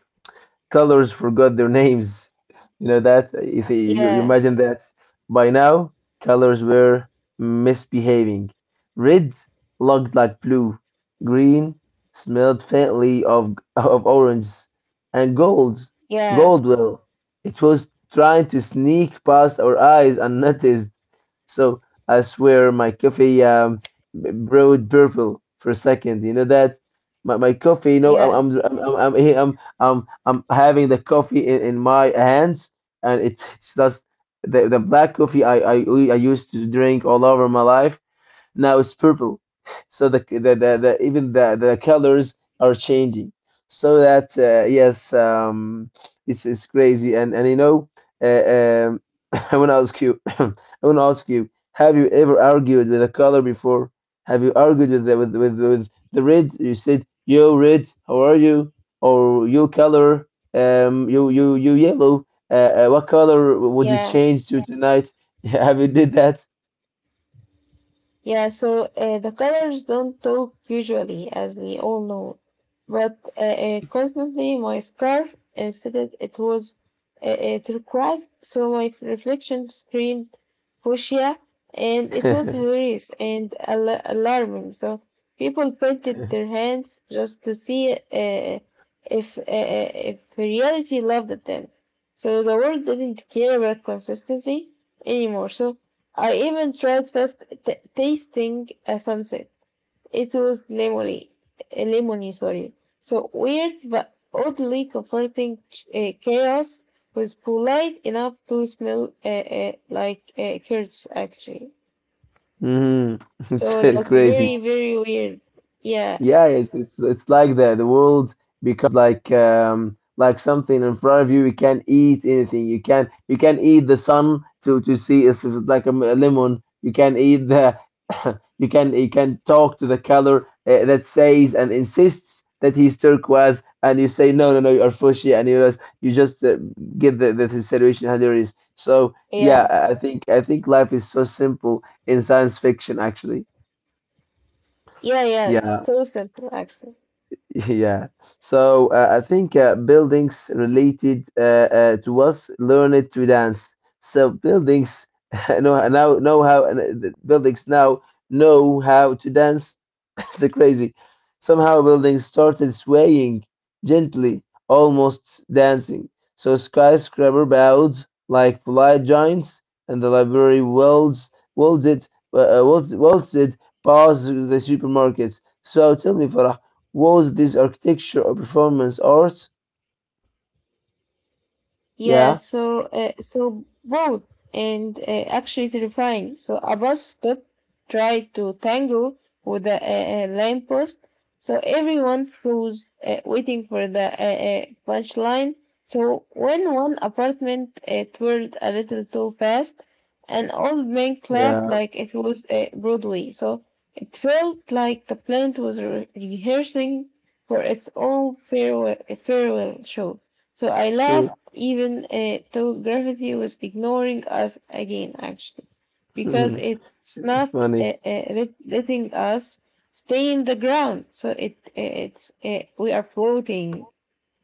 Speaker 1: colors forgot their names. You know that if you, you
Speaker 2: Yeah,
Speaker 1: imagine that by now colors were misbehaving. Red looked like blue, green smelled faintly of of orange, and gold,
Speaker 2: yeah,
Speaker 1: gold, well, it was trying to sneak past our eyes unnoticed. So I swear my coffee um b- brewed purple for a second. You know that, my, my coffee. You know
Speaker 2: yeah,
Speaker 1: I'm I'm I'm I'm I'm, I'm I'm I'm having the coffee in, in my hands, and it's, it's just the, the black coffee I, I, I used to drink all over my life, now it's purple, so the the, the, the even the, the colors are changing. So that uh, yes um, it's it's crazy, and and you know uh, um, (laughs) I want to ask you, (clears throat) (coughs) I want to ask you, have you ever argued with a color before? Have you argued with the, with, with with the red? You said, yo red, how are you? Or you color, um, you you you yellow, uh, uh, what color would you
Speaker 2: yeah.
Speaker 1: change to tonight? (laughs) have you did that?
Speaker 2: Yeah, so uh, the colors don't talk usually, as we all know. But uh, uh, constantly, my scarf instead it was uh, uh, turquoise, so my f- reflection screamed fuchsia, and it was hilarious and al- alarming. So people painted
Speaker 1: (laughs)
Speaker 2: their hands just to see uh, if uh, uh, if reality loved them. So the world didn't care about consistency anymore. So I even tried first t- tasting a sunset. It was lemony, uh, lemony, sorry. So weird but oddly comforting ch- uh, chaos was polite enough to smell uh, uh, like uh, curds, actually.
Speaker 1: Mm, (laughs)
Speaker 2: So
Speaker 1: it's uh,
Speaker 2: that's
Speaker 1: crazy.
Speaker 2: very, very weird. Yeah,
Speaker 1: Yeah, it's it's it's like that. The world becomes like um like something in front of you. You can't eat anything. You can you can eat the sun to to see it's like a, m- a lemon. You can eat the (coughs) you can you can talk to the color uh, that says and insists that he's turquoise, and you say, no no no, you are fuchsia, and you just you just uh, get the the situation how there is. So yeah,
Speaker 2: yeah,
Speaker 1: I I think I think life is so simple in science fiction, actually.
Speaker 2: yeah, yeah.
Speaker 1: Yeah,
Speaker 2: So simple, actually.
Speaker 1: (laughs) yeah. So uh, I think uh, buildings related uh, uh, to us learned to dance. So buildings (laughs) know, now know how, and, uh, the buildings now know how to dance. (laughs) It's crazy. Somehow buildings started swaying gently, almost dancing. So skyscraper bowed like polite giants, and the library waltzed, waltzed, uh, uh, waltzed, waltzed past the supermarkets. So tell me, Farah. Was this architecture or performance art?
Speaker 2: Yeah,
Speaker 1: Yeah,
Speaker 2: so uh, so both and uh, actually terrifying. So a bus stop tried to tangle with a, a, a lamppost, so everyone froze, uh, waiting for the uh, uh, punchline. So when one apartment uh, twirled a little too fast, an old man clapped
Speaker 1: yeah,
Speaker 2: like it was uh, Broadway. So it felt like the plant was re- rehearsing for its own farewell farewell show. So I
Speaker 1: sure.
Speaker 2: laughed even uh, though gravity was ignoring us again, actually, because
Speaker 1: (laughs)
Speaker 2: it's
Speaker 1: It's
Speaker 2: not
Speaker 1: funny.
Speaker 2: uh, uh, let- letting us stay in the ground. So it uh, it's uh, we are floating.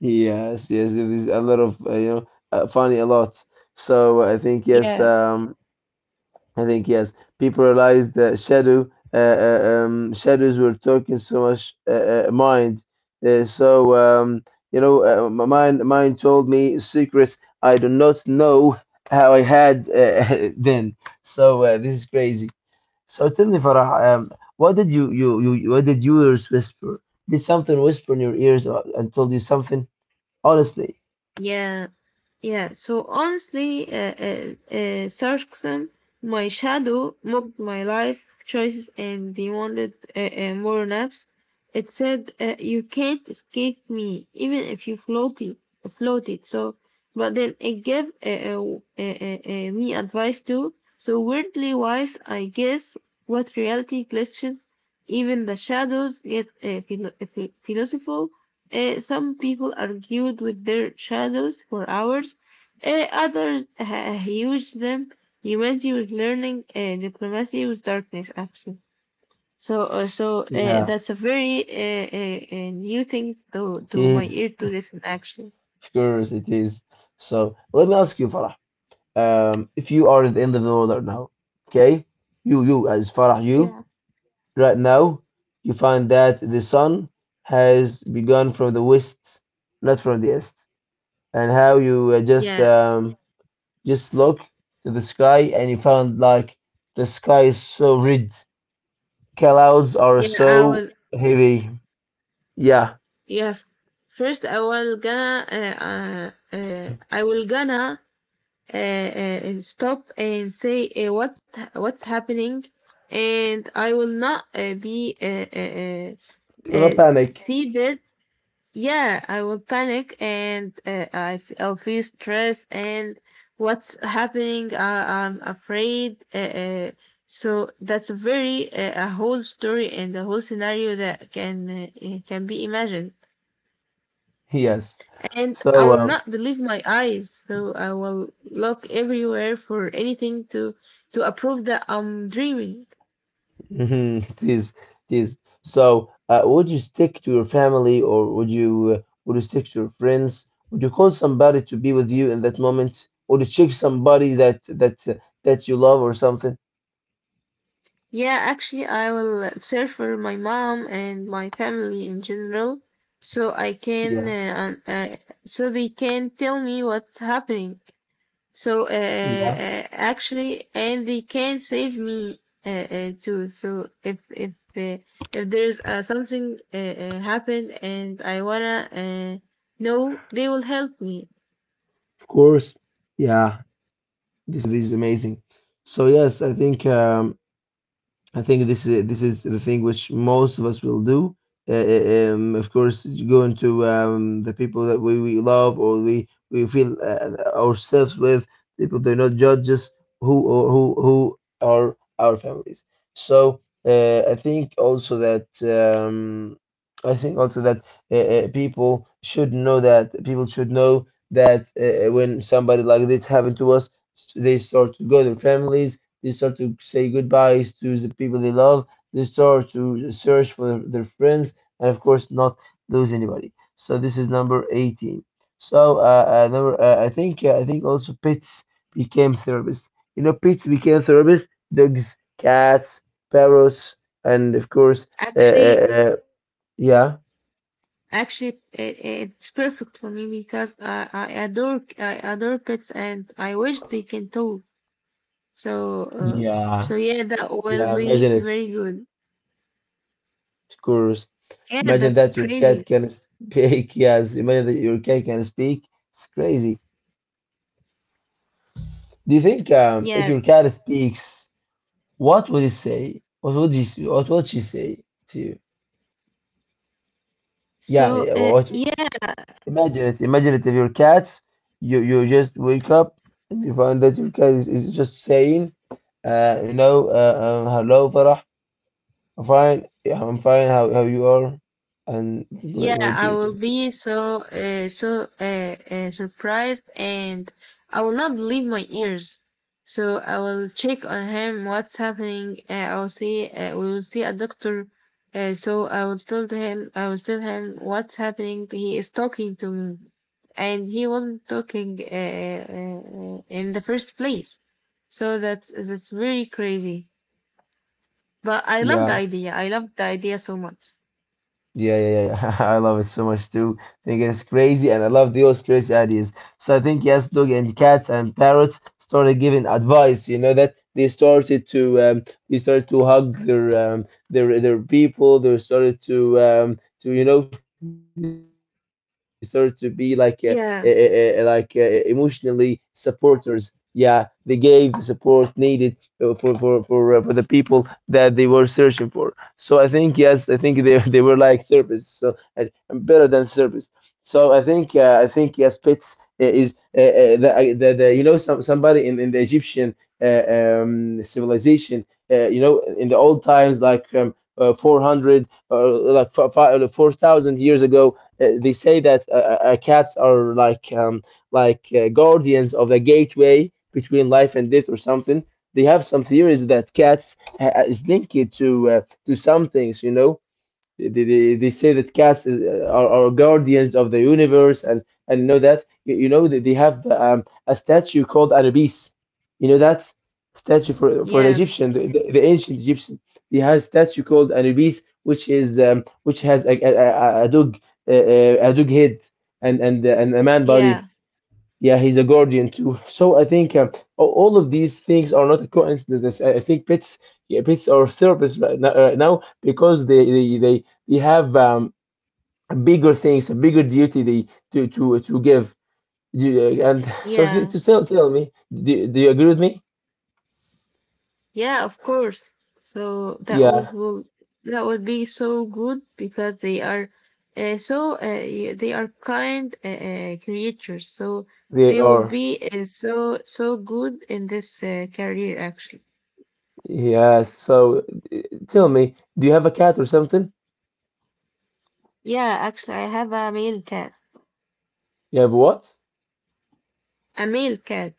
Speaker 1: Yes, yes, it is a lot of uh, you know uh, funny a lot. So I think yes,
Speaker 2: Yeah.
Speaker 1: um, I think yes. People realized that shadow, uh, uh, um, shadows were talking so much uh, uh, mind. Uh, so um, you know, uh, my mind, mind told me secrets I do not know how I had uh, (laughs) then. So uh, this is crazy. So tell me, Farah, um, what did you, you, you, you- what did yours whisper? Did something whisper in your ears, or and told you something? Honestly,
Speaker 2: Yeah, yeah. So honestly, uh, uh, uh, sarcasm, my shadow mocked my life choices and demanded uh, uh, more naps. It said, uh, "You can't escape me, even if you floated, floated." So, but then it gave uh, uh, uh, uh, uh, me advice too. So weirdly wise, I guess. What reality glitches even the shadows get uh, philo- ph- philosophical. Uh, some people argued with their shadows for hours. Uh, others uh, used them. Humanity was learning uh, diplomacy with darkness, actually. So, uh, so uh,
Speaker 1: yeah.
Speaker 2: that's a very uh, uh, uh, new things to
Speaker 1: It
Speaker 2: to my ear
Speaker 1: is.
Speaker 2: to listen, actually.
Speaker 1: Of course, it is. So let me ask you, Farah, um, if you are at the end of the world right now, okay? You, you, as Farah, you,
Speaker 2: Yeah.
Speaker 1: right now, you find that the sun has begun from the west, not from the east. And how you uh, just
Speaker 2: Yeah,
Speaker 1: um, just look to the sky, and you found like the sky is so red, clouds are
Speaker 2: yeah, I
Speaker 1: so
Speaker 2: will.
Speaker 1: heavy. Yeah,
Speaker 2: Yeah, f- first I will gonna. Uh, uh, uh, I will gonna uh, uh, uh, stop and say uh, what what's happening and I will not uh, be uh, uh, uh,
Speaker 1: do not
Speaker 2: uh,
Speaker 1: panic.
Speaker 2: seated. Yeah, I will panic and uh, I f- I'll feel stress and what's happening. Uh, I'm afraid. Uh, uh, so that's a very uh, a whole story and a whole scenario that can uh, uh, can be imagined.
Speaker 1: Yes.
Speaker 2: And I
Speaker 1: So
Speaker 2: will
Speaker 1: um,
Speaker 2: not believe my eyes, so I will look everywhere for anything to to approve that I'm dreaming.
Speaker 1: (laughs) it is, it is. So uh, would you stick to your family, or would you uh, would you stick to your friends? Would you call somebody to be with you in that moment? Would you check somebody that that uh, that you love or something?
Speaker 2: Yeah, actually, I will search for my mom and my family in general, so I can
Speaker 1: Yeah,
Speaker 2: uh, uh, so they can tell me what's happening. So uh,
Speaker 1: yeah,
Speaker 2: uh, actually, and they can save me uh, uh, too. So if if uh, if there's uh, something uh, uh, happened and I wanna uh, know, they will help me.
Speaker 1: of course. Yeah. This, this is amazing. So yes, I think um, I think this is this is the thing which most of us will do. Uh, uh, um, of course, going to um, the people that we, we love, or we we feel uh, ourselves with. People do not judge us who or who who are our families. So uh, I think also that um, I think also that uh, uh, people should know that people should know that uh, uh, when somebody like this happened to us, s- they start to go their families, they start to say goodbyes to the people they love. They start to search for their friends, and of course, not lose anybody. So this is number eighteen. So uh, uh, number, uh, I think uh, I think also pets became therapists. You know, pets became therapists. Dogs, cats, parrots, and of course, uh,
Speaker 2: Actually,
Speaker 1: uh, uh, yeah,
Speaker 2: actually, it, it's perfect for me because I, I adore I adore pets and I wish they can talk. So uh,
Speaker 1: yeah,
Speaker 2: so yeah, that will
Speaker 1: yeah.
Speaker 2: be
Speaker 1: Imagine it,
Speaker 2: very good.
Speaker 1: of course.
Speaker 2: Yeah,
Speaker 1: Imagine
Speaker 2: that's
Speaker 1: that your cat
Speaker 2: crazy.
Speaker 1: can speak. (laughs) Yes, imagine that your cat can speak. It's crazy. Do you think um, if
Speaker 2: Yeah.
Speaker 1: your cat speaks, what would it say? What would you, s- what would she say to you? Yeah,
Speaker 2: So
Speaker 1: yeah. Well,
Speaker 2: uh,
Speaker 1: what?
Speaker 2: yeah.
Speaker 1: Imagine it. Imagine it. If your cat, you you just wake up and you find that your cat is, is just saying, uh, you know, uh, um, hello, Farah. I'm fine. Yeah, I'm fine. How how you are? And right,
Speaker 2: Yeah,
Speaker 1: what do
Speaker 2: I
Speaker 1: you do?
Speaker 2: will be so uh, so uh, uh, surprised, and I will not believe my ears. So I will check on him what's happening. Uh, I will see. Uh, we will see a doctor. Uh, so I will tell to him. I will tell him what's happening. He is talking to me, and he wasn't talking uh, uh, uh, in the first place. So that's that's very crazy. But I love the
Speaker 1: Yeah.
Speaker 2: idea. I love the idea so much.
Speaker 1: Yeah, yeah, yeah. (laughs) I love it so much too. I think it's crazy, and I love those crazy ideas. So I think yes, dog and cats and parrots started giving advice. You know that they started to um, they started to hug their um, their their people. They started to um, to you know they started to be like uh, uh, uh, uh, like uh, eh,
Speaker 2: Yeah,
Speaker 1: emotionally supporters. Yeah, they gave the support needed uh, for for for uh, for the people that they were searching for. So I think yes, I think they (laughs) they were like therapists, so uh, better than therapists. So I think uh, I think yes, pets I- is uh, uh, the, uh, the the you know some somebody in, in the Egyptian uh, um, civilization, uh, you know, in the old times like um, uh, four hundred or like fi- fi- four thousand years ago. Uh, they say that uh, uh, uh, cats are like um, like uh, guardians of the gateway between life and death or something. They have some theories that cats uh, uh, is linked to uh, to some things. You know, they, they, they say that cats uh, are, are guardians of the universe, and and know that you, you know that they have um, a statue called Anubis. You know that statue for for the
Speaker 2: yeah,
Speaker 1: Egyptian, the, the, the ancient Egyptian. They have a statue called Anubis, which is um, which has a a, a, a dog uh, uh, a dog head and and uh, and a man body.
Speaker 2: yeah.
Speaker 1: Yeah, he's a guardian too. So I think um, a- all of these things are not a coincidence. I I think pets, yeah, pets are therapists right now. Right now because they they they, they have um, bigger things, a bigger duty they to to to give. Do you- uh, And so th-
Speaker 2: Yeah,
Speaker 1: to tell Tell me, do, do you agree with me?
Speaker 2: yeah, of course. So that was
Speaker 1: Yeah,
Speaker 2: will that would be so good because they are uh, so uh, y- they are kind uh, uh, creatures. So
Speaker 1: they
Speaker 2: they will
Speaker 1: are.
Speaker 2: be uh, so so good in this uh, career, actually,
Speaker 1: Yes. So uh, tell me, do you have a cat or something?
Speaker 2: yeah. Actually, I have a male cat.
Speaker 1: You have what?
Speaker 2: A male cat.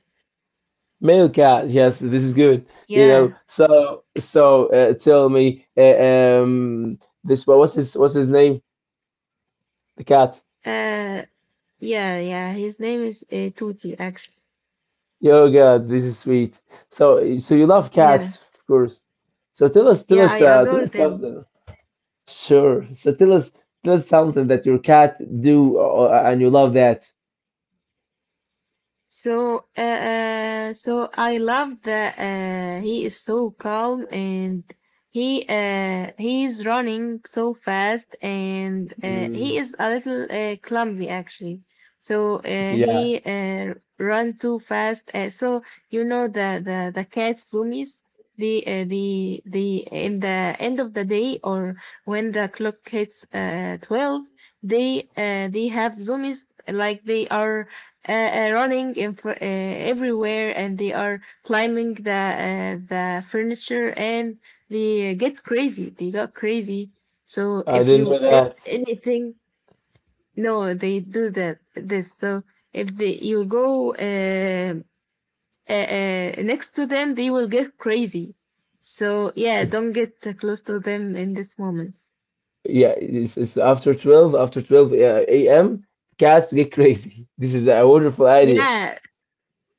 Speaker 1: Male cat, yes, this is good. You know,
Speaker 2: Yeah.
Speaker 1: so so uh, tell me, uh, um, this what- what's his what's his name? The cat.
Speaker 2: Uh. Yeah. Yeah. His name is uh, Tuti, actually.
Speaker 1: Oh God, this is sweet. So so you love
Speaker 2: Yeah.
Speaker 1: cats, of course. So tell us, tell
Speaker 2: Yeah. I
Speaker 1: us, uh, tell
Speaker 2: adore
Speaker 1: us
Speaker 2: them.
Speaker 1: something. Sure. So tell us, tell us something that your cat do, uh, and you love that.
Speaker 2: So, uh, uh, so I love that uh, he is so calm and he uh, he is running so fast and uh, he
Speaker 1: Mm,
Speaker 2: is a little uh, clumsy, actually. So uh,
Speaker 1: yeah,
Speaker 2: he uh, run too fast. Uh, so you know the the the cats zoomies. The uh, the the In the end of the day or when the clock hits uh, twelve, they uh, they have zoomies like they are uh, uh, running in fr- uh, everywhere and they are climbing the uh, the furniture and they get crazy. They got crazy. So
Speaker 1: I
Speaker 2: if
Speaker 1: didn't know
Speaker 2: you did
Speaker 1: that. (laughs)
Speaker 2: anything, no, they do that. This So if they you go uh, uh, uh, next to them, they will get crazy. So yeah, don't get uh, close to them in this moment.
Speaker 1: Yeah, it's, it's after twelve, after twelve uh, a m, cats get crazy. (laughs) This is a wonderful idea.
Speaker 2: Yeah,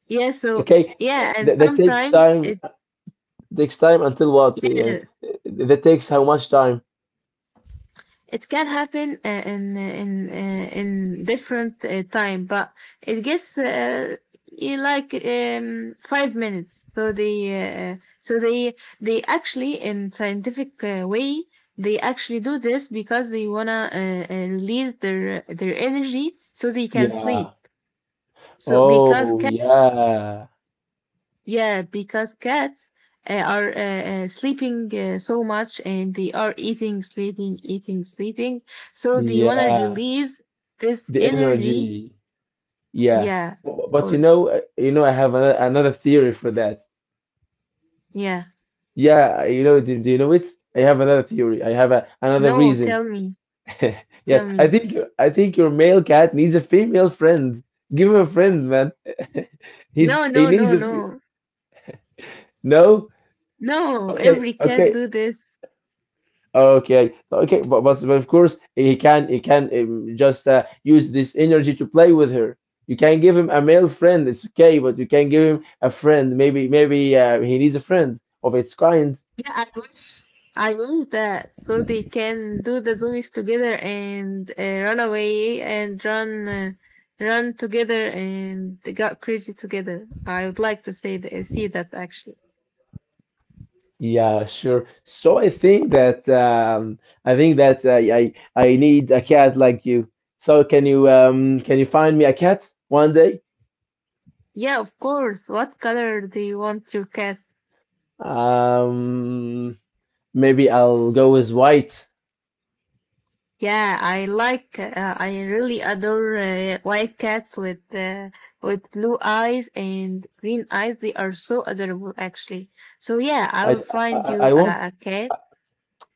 Speaker 2: yeah. So
Speaker 1: Okay,
Speaker 2: yeah, and
Speaker 1: that, that takes
Speaker 2: sometimes
Speaker 1: time.
Speaker 2: it,
Speaker 1: Takes time until what? Uh,
Speaker 2: yeah,
Speaker 1: That takes how much time?
Speaker 2: it can happen uh, in uh, in uh, in different uh, time, but it gets uh, in like um, five minutes. So they uh, so they they actually in scientific uh, way they actually do this because they wanna uh, uh, release their their energy so they can
Speaker 1: Yeah.
Speaker 2: sleep. So because
Speaker 1: Oh,
Speaker 2: cats,
Speaker 1: yeah.
Speaker 2: yeah, because cats uh, are uh, uh, sleeping uh, so much and they are eating, sleeping, eating, sleeping. So they want to
Speaker 1: Yeah.
Speaker 2: release this
Speaker 1: The
Speaker 2: energy.
Speaker 1: energy. Yeah.
Speaker 2: Yeah,
Speaker 1: Bu-
Speaker 2: of
Speaker 1: But you
Speaker 2: course.
Speaker 1: know, uh, you know, I have another, another theory for that.
Speaker 2: Yeah.
Speaker 1: Yeah, you know, do, do you know it? I have another theory. I have a, another
Speaker 2: No,
Speaker 1: reason.
Speaker 2: tell me.
Speaker 1: (laughs) Yes,
Speaker 2: Tell
Speaker 1: I
Speaker 2: me.
Speaker 1: think your- I think your male cat needs a female friend. Give him a friend, man. (laughs) He's
Speaker 2: No,
Speaker 1: he
Speaker 2: no,
Speaker 1: needs
Speaker 2: no,
Speaker 1: a fe-
Speaker 2: no.
Speaker 1: no.
Speaker 2: No,
Speaker 1: Okay,
Speaker 2: every cat
Speaker 1: okay.
Speaker 2: do this.
Speaker 1: Okay, okay, but, but but of course he can he can um, just uh, use this energy to play with her. You can give him a male friend, it's okay, but you can give him a friend. Maybe maybe uh, he needs a friend of its kind.
Speaker 2: Yeah, I wish. I wish that so they can do the zombies together and uh, run away and run, uh, run together and they got crazy together. I would like to say th- see that, actually.
Speaker 1: Yeah, sure. So I think that um, I think that I, I I need a cat like you. So can you um can you find me a cat one day?
Speaker 2: Yeah, of course. What color do you want your cat?
Speaker 1: Um, maybe I'll go with white.
Speaker 2: Yeah, I like. Uh, I really adore uh, white cats with uh, with blue eyes and green eyes. They are so adorable, actually. So yeah, I
Speaker 1: I
Speaker 2: will
Speaker 1: I,
Speaker 2: find
Speaker 1: I
Speaker 2: you
Speaker 1: I want.
Speaker 2: uh, a cat.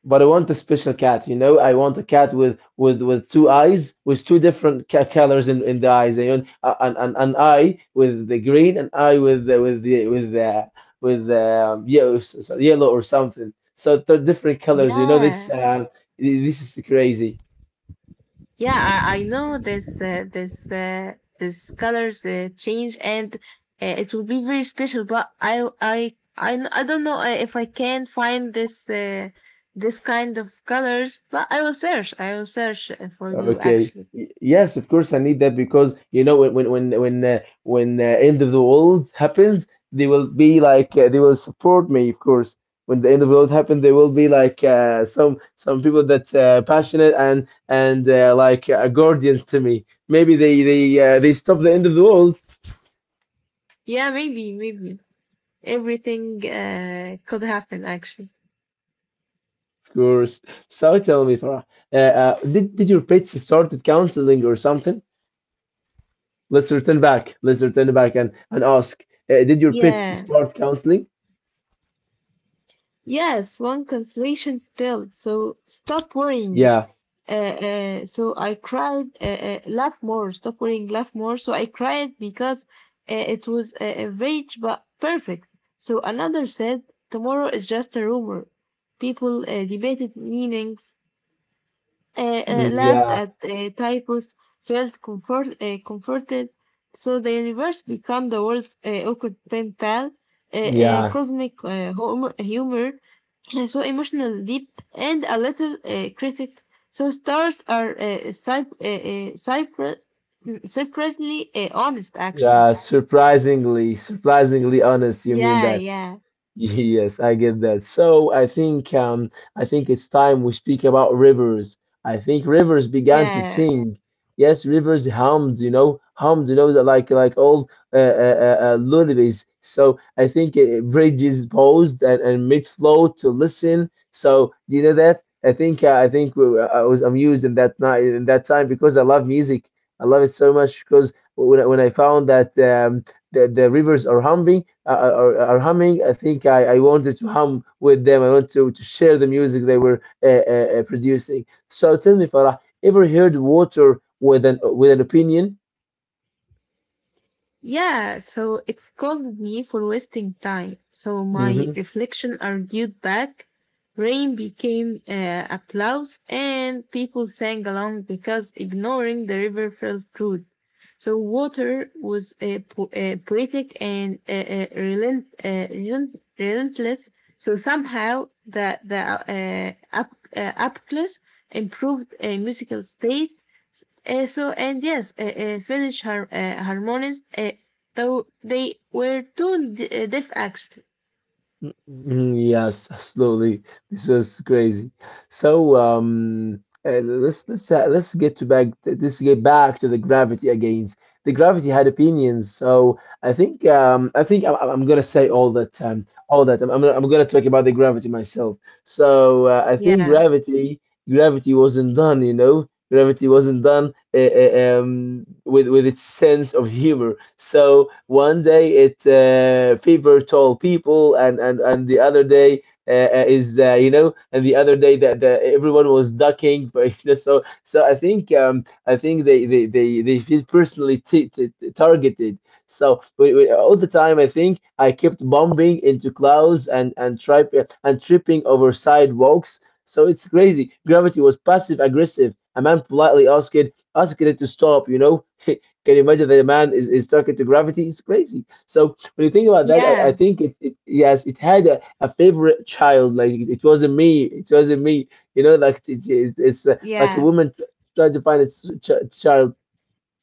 Speaker 1: But I want a special cat. You know, I want a cat with with with two eyes, with two different ca- colors in, in the eyes. You know, an, an an eye with the green, an eye with the, with the with the with the um, yellow, yellow or something. So they're different colors. You know, this
Speaker 2: Yeah.
Speaker 1: uh, this is crazy.
Speaker 2: Yeah, I, I know this uh, this uh, this colors uh, change and uh, it will be very special. But I I I, I don't know uh, if I can find this uh, this kind of colors. But I will search. I will search uh, for you,
Speaker 1: Okay.
Speaker 2: actually.
Speaker 1: Y- Yes, of course I need that because you know when when when when uh, when uh, end of the world happens, they will be like uh, they will support me, of course. When the end of the world happens, there will be like uh, some some people that uh, passionate and and uh, like uh, guardians to me. Maybe they they uh, they stop the end of the world,
Speaker 2: Yeah, maybe maybe everything uh, could happen, actually.
Speaker 1: of course. So tell me, Farah, uh, uh, did did your pets started counseling or something? Let's return back. Let's return back and and ask. Uh, did your pets
Speaker 2: Yeah.
Speaker 1: start counseling?
Speaker 2: Yes, one consolation spell. So stop worrying.
Speaker 1: Yeah.
Speaker 2: Uh, uh, so I cried, uh, uh, laugh more, stop worrying, laugh more. So I cried because uh, it was uh, average but perfect. So another said, tomorrow is just a rumor. People uh, debated meanings, uh, uh,
Speaker 1: Mm,
Speaker 2: laughed
Speaker 1: yeah,
Speaker 2: at uh, typos, felt comfort, uh, comforted. So the universe became the world's uh, awkward pen pal, uh, uh,
Speaker 1: yeah,
Speaker 2: cosmic uh, humor, humor, uh, so emotional deep, and a little uh, critic. So stars are uh, cyp- uh, uh, cypre- mm, surprisingly uh, honest, actually.
Speaker 1: yeah. Surprisingly, surprisingly honest. You mean
Speaker 2: Yeah,
Speaker 1: that?
Speaker 2: yeah,
Speaker 1: Yes, I get that. So I think um, I think it's time we speak about rivers. I think rivers began to
Speaker 2: yeah.
Speaker 1: sing. Yes, rivers hummed, you know, hummed, you know, like like old uh, uh, uh, uh, lullabies. So I think uh, bridges paused and, and mid flow to listen. So do you know that? I think uh, I think we, I was amused in that night in that time because I love music. I love it so much because when I, when I found that um, the the rivers are humming are, are are humming. I think I, I wanted to hum with them. I want to, to share the music they were uh, uh, uh, producing. So tell me, Farah, ever heard water with an with an opinion?
Speaker 2: Yeah, so it scolded me for wasting time. So my reflection argued back. Rain became uh, applause, and people sang along because ignoring the river felt rude. So water was uh, po- uh, poetic and uh, uh, relent- uh, relent- relentless. So somehow the the uh, up uh, up improved uh, musical state uh, so and yes, uh, uh, Finnish har- uh, harmonists, uh, though they were too d- uh, deaf, actually.
Speaker 1: Mm, mm, yes, (laughs) absolutely. This was crazy. So um, uh, let's let's uh, let's get to back let's get back to the gravity again. The gravity had opinions, so I think um, I think I'm, I'm I'm gonna say all that um, all that I'm, I'm gonna, I'm gonna talk about the gravity myself. So uh, I think
Speaker 2: Yeah,
Speaker 1: gravity gravity wasn't done, you know, gravity wasn't done uh, um, with with its sense of humor. So one day it uh, favor tall people, and and and the other day. Uh, uh, is uh, You know, and the other day that the, everyone was ducking, (laughs) but you know, so so I think um, I think they they they, they feel personally t- t- targeted. So we, we, all the time, I think I kept bumping into clouds and and trip and tripping over sidewalks. So it's crazy. Gravity was passive aggressive. A man politely asked, Asking it to stop, you know. (laughs) Can you imagine that a man is, is stuck into gravity? It's crazy. So when you think about that, I, I
Speaker 2: yeah,
Speaker 1: think it, it yes, it had a, a favorite child. Like it, it wasn't me. It wasn't me. You know, like it, it's, it's uh, like a
Speaker 2: yeah,
Speaker 1: woman trying to find its ch- child.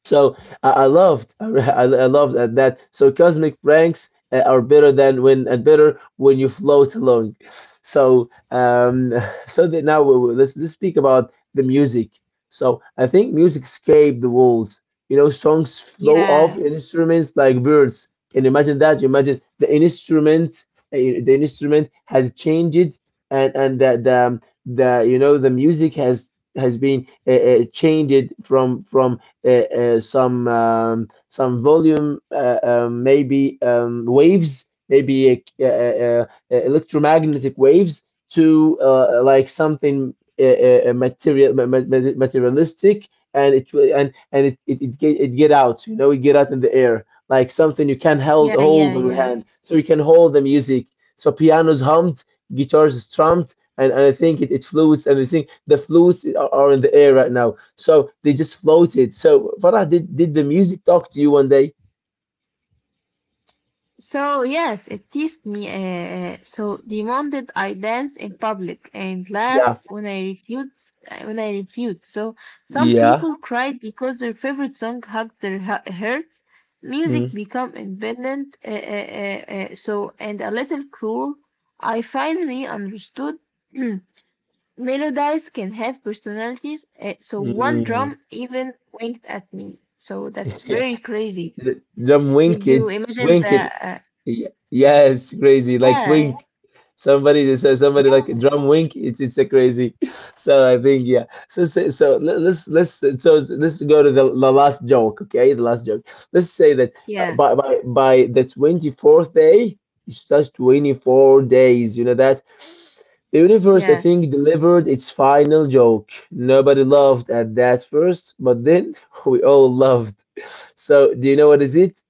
Speaker 1: So I, I loved, (laughs) I, I loved that, that. So cosmic pranks uh, are better than when and better when you float along. (laughs) So um, so that now we, we- let's let's speak about the music. So I think music escaped the walls. You know, songs flow off
Speaker 2: yeah,
Speaker 1: instruments like birds. Can you imagine that? You imagine the instrument, uh, the instrument has changed, and and the the, the you know the music has has been uh, uh, changed from from uh, uh, some um, some volume, uh, um, maybe um, waves, maybe uh, uh, uh, uh, electromagnetic waves to uh, like something uh, uh, uh, material materialistic. And it will and and it, it, it get it get out you know it get out in the air like something you can hold
Speaker 2: yeah,
Speaker 1: hold
Speaker 2: yeah,
Speaker 1: with your
Speaker 2: yeah.
Speaker 1: hand, so you can hold the music. So pianos hummed, guitars strummed, and, and I think it, it floats, and I think the floats are, are in the air right now. So they just floated. So Farah, did did the music talk to you one day?
Speaker 2: So yes, it teased me. Uh, so demanded I dance in public and laughed
Speaker 1: Yeah,
Speaker 2: when I refused. uh, When I refused, so some
Speaker 1: yeah,
Speaker 2: people cried because their favorite song hugged their hu- hearts. Music
Speaker 1: mm,
Speaker 2: become independent. Uh, uh, uh, uh, so and a little cruel. I finally understood melodies can have personalities. Uh, so one
Speaker 1: mm,
Speaker 2: drum even winked at me. So that's
Speaker 1: (laughs) yeah.
Speaker 2: very crazy.
Speaker 1: The- Drum winked,
Speaker 2: Did you imagine
Speaker 1: winked.
Speaker 2: the? Uh,
Speaker 1: Y- Yeah, it's crazy. Like wink,
Speaker 2: yeah.
Speaker 1: somebody that says somebody like
Speaker 2: Yeah,
Speaker 1: drum wink. It's it's a crazy. (laughs) So I think yeah. So so, so le- let's let's so let's go to the, the last joke. Okay, the last joke. Let's say that uh,
Speaker 2: yeah,
Speaker 1: by by by the twenty fourth day. It's just twenty four days. You know that the universe, I
Speaker 2: yeah,
Speaker 1: think, delivered its final joke. Nobody laughed at that first, but then (laughs) we all loved. So do you know what is it?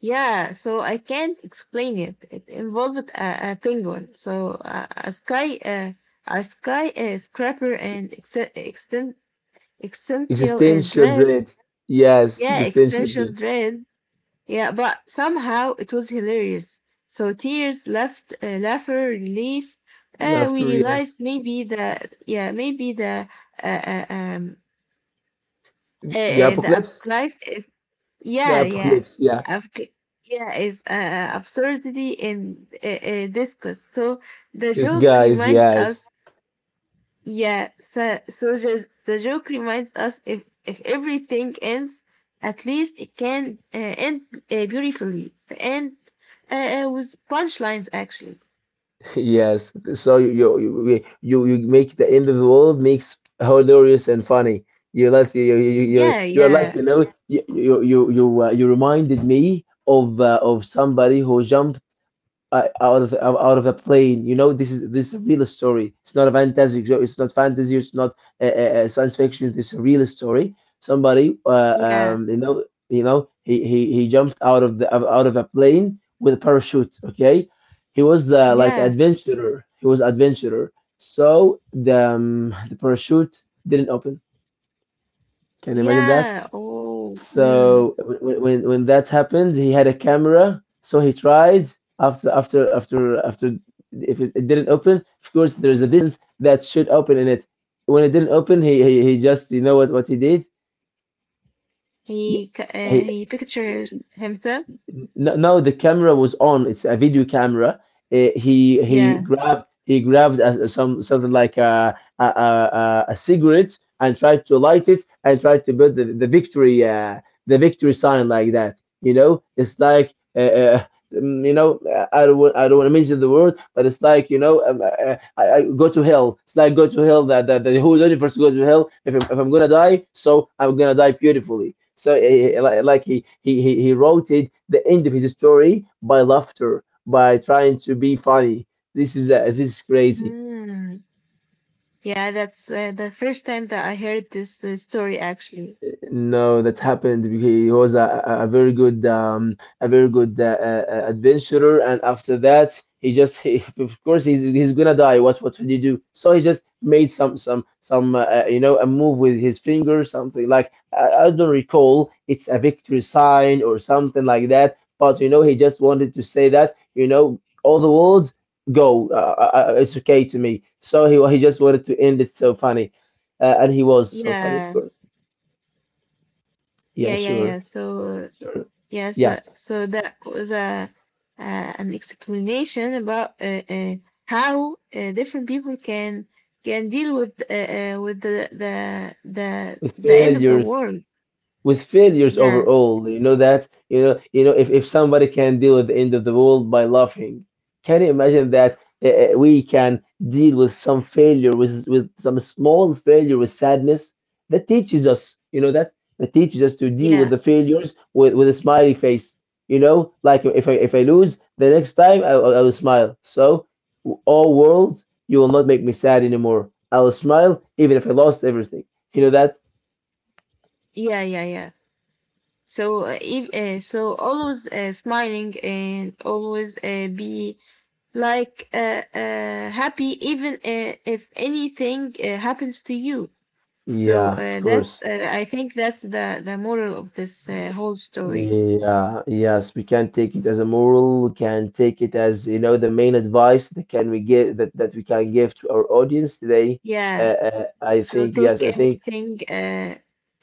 Speaker 2: yeah. So I can't explain it. It involved a, a penguin, so a, a sky, uh, a sky uh, scraper, and exten- exten- existential uh,
Speaker 1: Existential
Speaker 2: dread.
Speaker 1: dread. Yes,
Speaker 2: Yeah,
Speaker 1: existential
Speaker 2: existential
Speaker 1: dread.
Speaker 2: dread. Yeah, but somehow it was hilarious. So tears left, uh, laughter, relief. Uh, we
Speaker 1: Laughter, yes.
Speaker 2: realized maybe the, yeah, maybe the uh, uh, um
Speaker 1: The,
Speaker 2: uh,
Speaker 1: the
Speaker 2: uh, the
Speaker 1: apocalypse?
Speaker 2: applies is.
Speaker 1: The
Speaker 2: Yeah, yeah.
Speaker 1: apocalypse, yeah.
Speaker 2: Of c- yeah, is uh, uh, absurdity in uh, uh, discuss. So the
Speaker 1: These
Speaker 2: joke
Speaker 1: guys,
Speaker 2: reminds
Speaker 1: yes.
Speaker 2: us.
Speaker 1: (laughs)
Speaker 2: Yeah, so, so just the joke reminds us, if if everything ends, at least it can uh, end uh, beautifully and uh, uh, with punchlines, actually.
Speaker 1: Yes. So you you you you you make the end of the world makes hilarious and funny. You less you you you you
Speaker 2: Yeah,
Speaker 1: you are like,
Speaker 2: yeah,
Speaker 1: you know, you you you you, uh, you reminded me of uh, of somebody who jumped uh, out of out of a plane. You know, this is this is a real story. It's not a fantasy. It's not fantasy. It's not uh, uh, uh, science fiction. It's a real story. Somebody, uh,
Speaker 2: yeah,
Speaker 1: um, you know, you know, he, he he jumped out of the out of a plane with a parachute. Okay, he was uh, like
Speaker 2: yeah,
Speaker 1: adventurer. He was adventurer. So the um, the parachute didn't open. Can you imagine that?
Speaker 2: yeah. Oh, mm.
Speaker 1: So when, when when that happened, he had a camera, so he tried after after after after if it, it didn't open. Of course there's a distance that should open in it. When it didn't open, he he, he just you know what what he did? He,
Speaker 2: he c- uh,
Speaker 1: he
Speaker 2: he pictures himself.
Speaker 1: No, no, the camera was on. It's a video camera. Uh, he he
Speaker 2: Yeah.
Speaker 1: grabbed he grabbed a, some something like a, a a a cigarette and tried to light it and tried to put the, the victory uh, the victory sign like that. You know, it's like uh, um, you know, I don't, wa- I don't want to mention the word, but it's like, you know, um, I, I I go to hell. It's like go to hell, that, that that the whole universe goes to hell. If I'm, if I'm going to die, so I'm going to die beautifully. So eh, eh, eh, like like he, he, he he wrote it, the end of his story by laughter, by trying to be funny. This is, uh, this is crazy.
Speaker 2: Hmm. Yeah, that's uh, the first time that I heard this uh, story, actually.
Speaker 1: No, that happened because he was a, a a very good um, a very good uh, uh, uh, adventurer, and after that, he just he, (laughs) of course he's he's gonna die. What what would he do? So he just made some some some uh, uh, you know, a move with his finger, something like I, I don't recall. It's a victory sign or something like that. But you know he just wanted to say that you know all the world go. Uh, uh, uh, it's okay to me. So he he just wanted to end it so funny, uh, and he was so funny, of
Speaker 2: Yeah,
Speaker 1: course.
Speaker 2: yeah,
Speaker 1: Yeah,
Speaker 2: yeah, yeah.
Speaker 1: sure.
Speaker 2: So
Speaker 1: Sure.
Speaker 2: yeah,
Speaker 1: Yeah,
Speaker 2: so so that was a uh, an explanation about uh, uh, how uh, different people can can deal with uh, uh, with the, the the the end of the
Speaker 1: failures.
Speaker 2: world.
Speaker 1: With failures
Speaker 2: Yeah,
Speaker 1: overall. You know that, you know you know, if, if somebody can deal with the end of the world by laughing, can you imagine that uh, we can deal with some failure with with some small failure with sadness that teaches us, you know, that that teaches us to deal with the
Speaker 2: yeah,
Speaker 1: failures with, with a smiley face. You know, like if I, if I lose the next time, I, I will smile. So, all world, you will not make me sad anymore. I will smile even if I lost everything. You know that?
Speaker 2: yeah, yeah, yeah. So uh, if, uh, so always uh, smiling and always uh, be like uh, uh, happy even uh, if anything uh, happens to you. So
Speaker 1: Yeah, of
Speaker 2: uh, that's
Speaker 1: course.
Speaker 2: uh, I think that's the the moral of this uh, whole story.
Speaker 1: Yeah, yes, we can take it as a moral. We can take it as, you know, the main advice that can we give, that, that we can give to our audience today. Uh,
Speaker 2: Yeah.
Speaker 1: uh, I
Speaker 2: So
Speaker 1: think yes,
Speaker 2: take
Speaker 1: I think
Speaker 2: everything uh,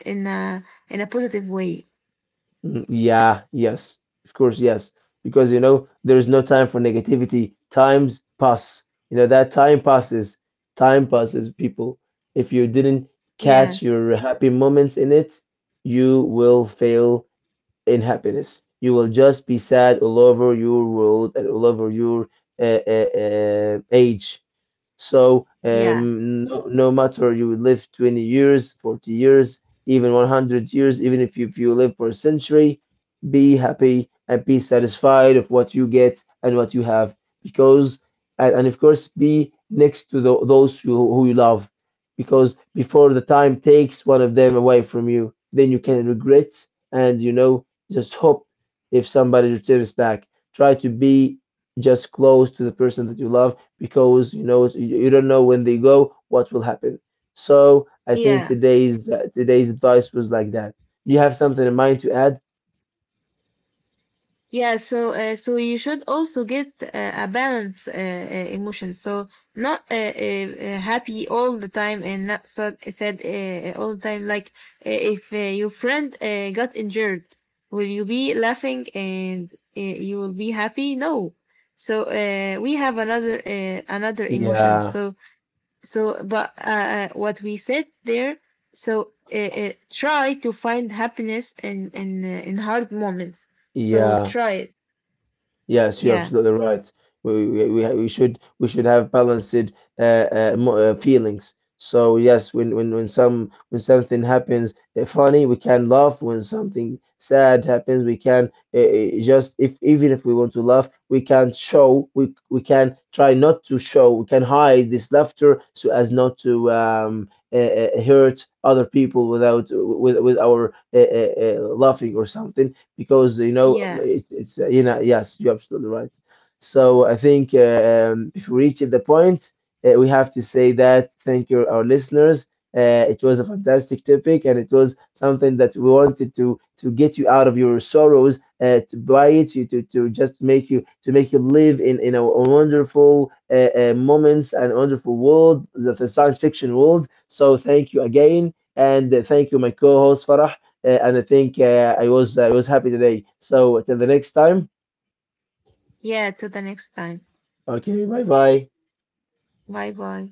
Speaker 2: in a in a positive way.
Speaker 1: mm, yeah, yes, of course, yes, because you know there is no time for negativity. Times pass, you know that time passes, time passes, people. If you didn't
Speaker 2: Yeah.
Speaker 1: catch your happy moments in it, you will fail in happiness. You will just be sad all over your world and all over your uh, uh, uh, age. So
Speaker 2: Yeah.
Speaker 1: um, no, no matter you live twenty years, forty years, even one hundred years, even if you, if you live for a century, be happy and be satisfied of what you get and what you have. Because and, and of course, be next to tho- those who, who you love. Because before the time takes one of them away from you, then you can regret, and you know, just hope if somebody returns back. Try to be just close to the person that you love, because you know you don't know when they go what will happen. So I think
Speaker 2: Yeah.
Speaker 1: today's uh, today's advice was like that. Do you have something in mind to add?
Speaker 2: Yeah, so uh, so you should also get uh, a balance uh, uh, emotion. So not uh, uh, uh, happy all the time and not sad, sad uh, uh, all the time. Like uh, if uh, your friend uh, got injured, will you be laughing and uh, you will be happy? No. So uh, we have another uh, another emotions.
Speaker 1: Yeah,
Speaker 2: So so but uh, uh, what we said there. So uh, uh, try to find happiness in in uh, in hard moments. So
Speaker 1: yeah,
Speaker 2: try it.
Speaker 1: yes, you're
Speaker 2: Yeah.
Speaker 1: absolutely right. We we we ha- we should we should have balanced uh, uh, mo- uh, feelings. So yes, when when when some when something happens uh, funny, we can laugh. When something sad happens, we can uh, uh, just, if even if we want to laugh, we can show we we can try not to show. We can hide this laughter so as not to um uh, uh, hurt other people without with with our uh, uh, uh, laughing or something, because you know
Speaker 2: Yeah.
Speaker 1: it's, it's uh, you know, yes, you're absolutely right. So I think uh, um, if we reach at the point, uh, we have to say that thank you our listeners. Uh, it was a fantastic topic, and it was something that we wanted to to get you out of your sorrows, uh, to buy it you to, to just make you to make you live in in a wonderful uh, uh, moments and wonderful world, the, the science fiction world. So thank you again, and uh, thank you my co-host Farah, uh, and I think uh, I was, I was happy today. So till the next time.
Speaker 2: Yeah. Till the next time.
Speaker 1: Okay, bye bye.
Speaker 2: Bye bye.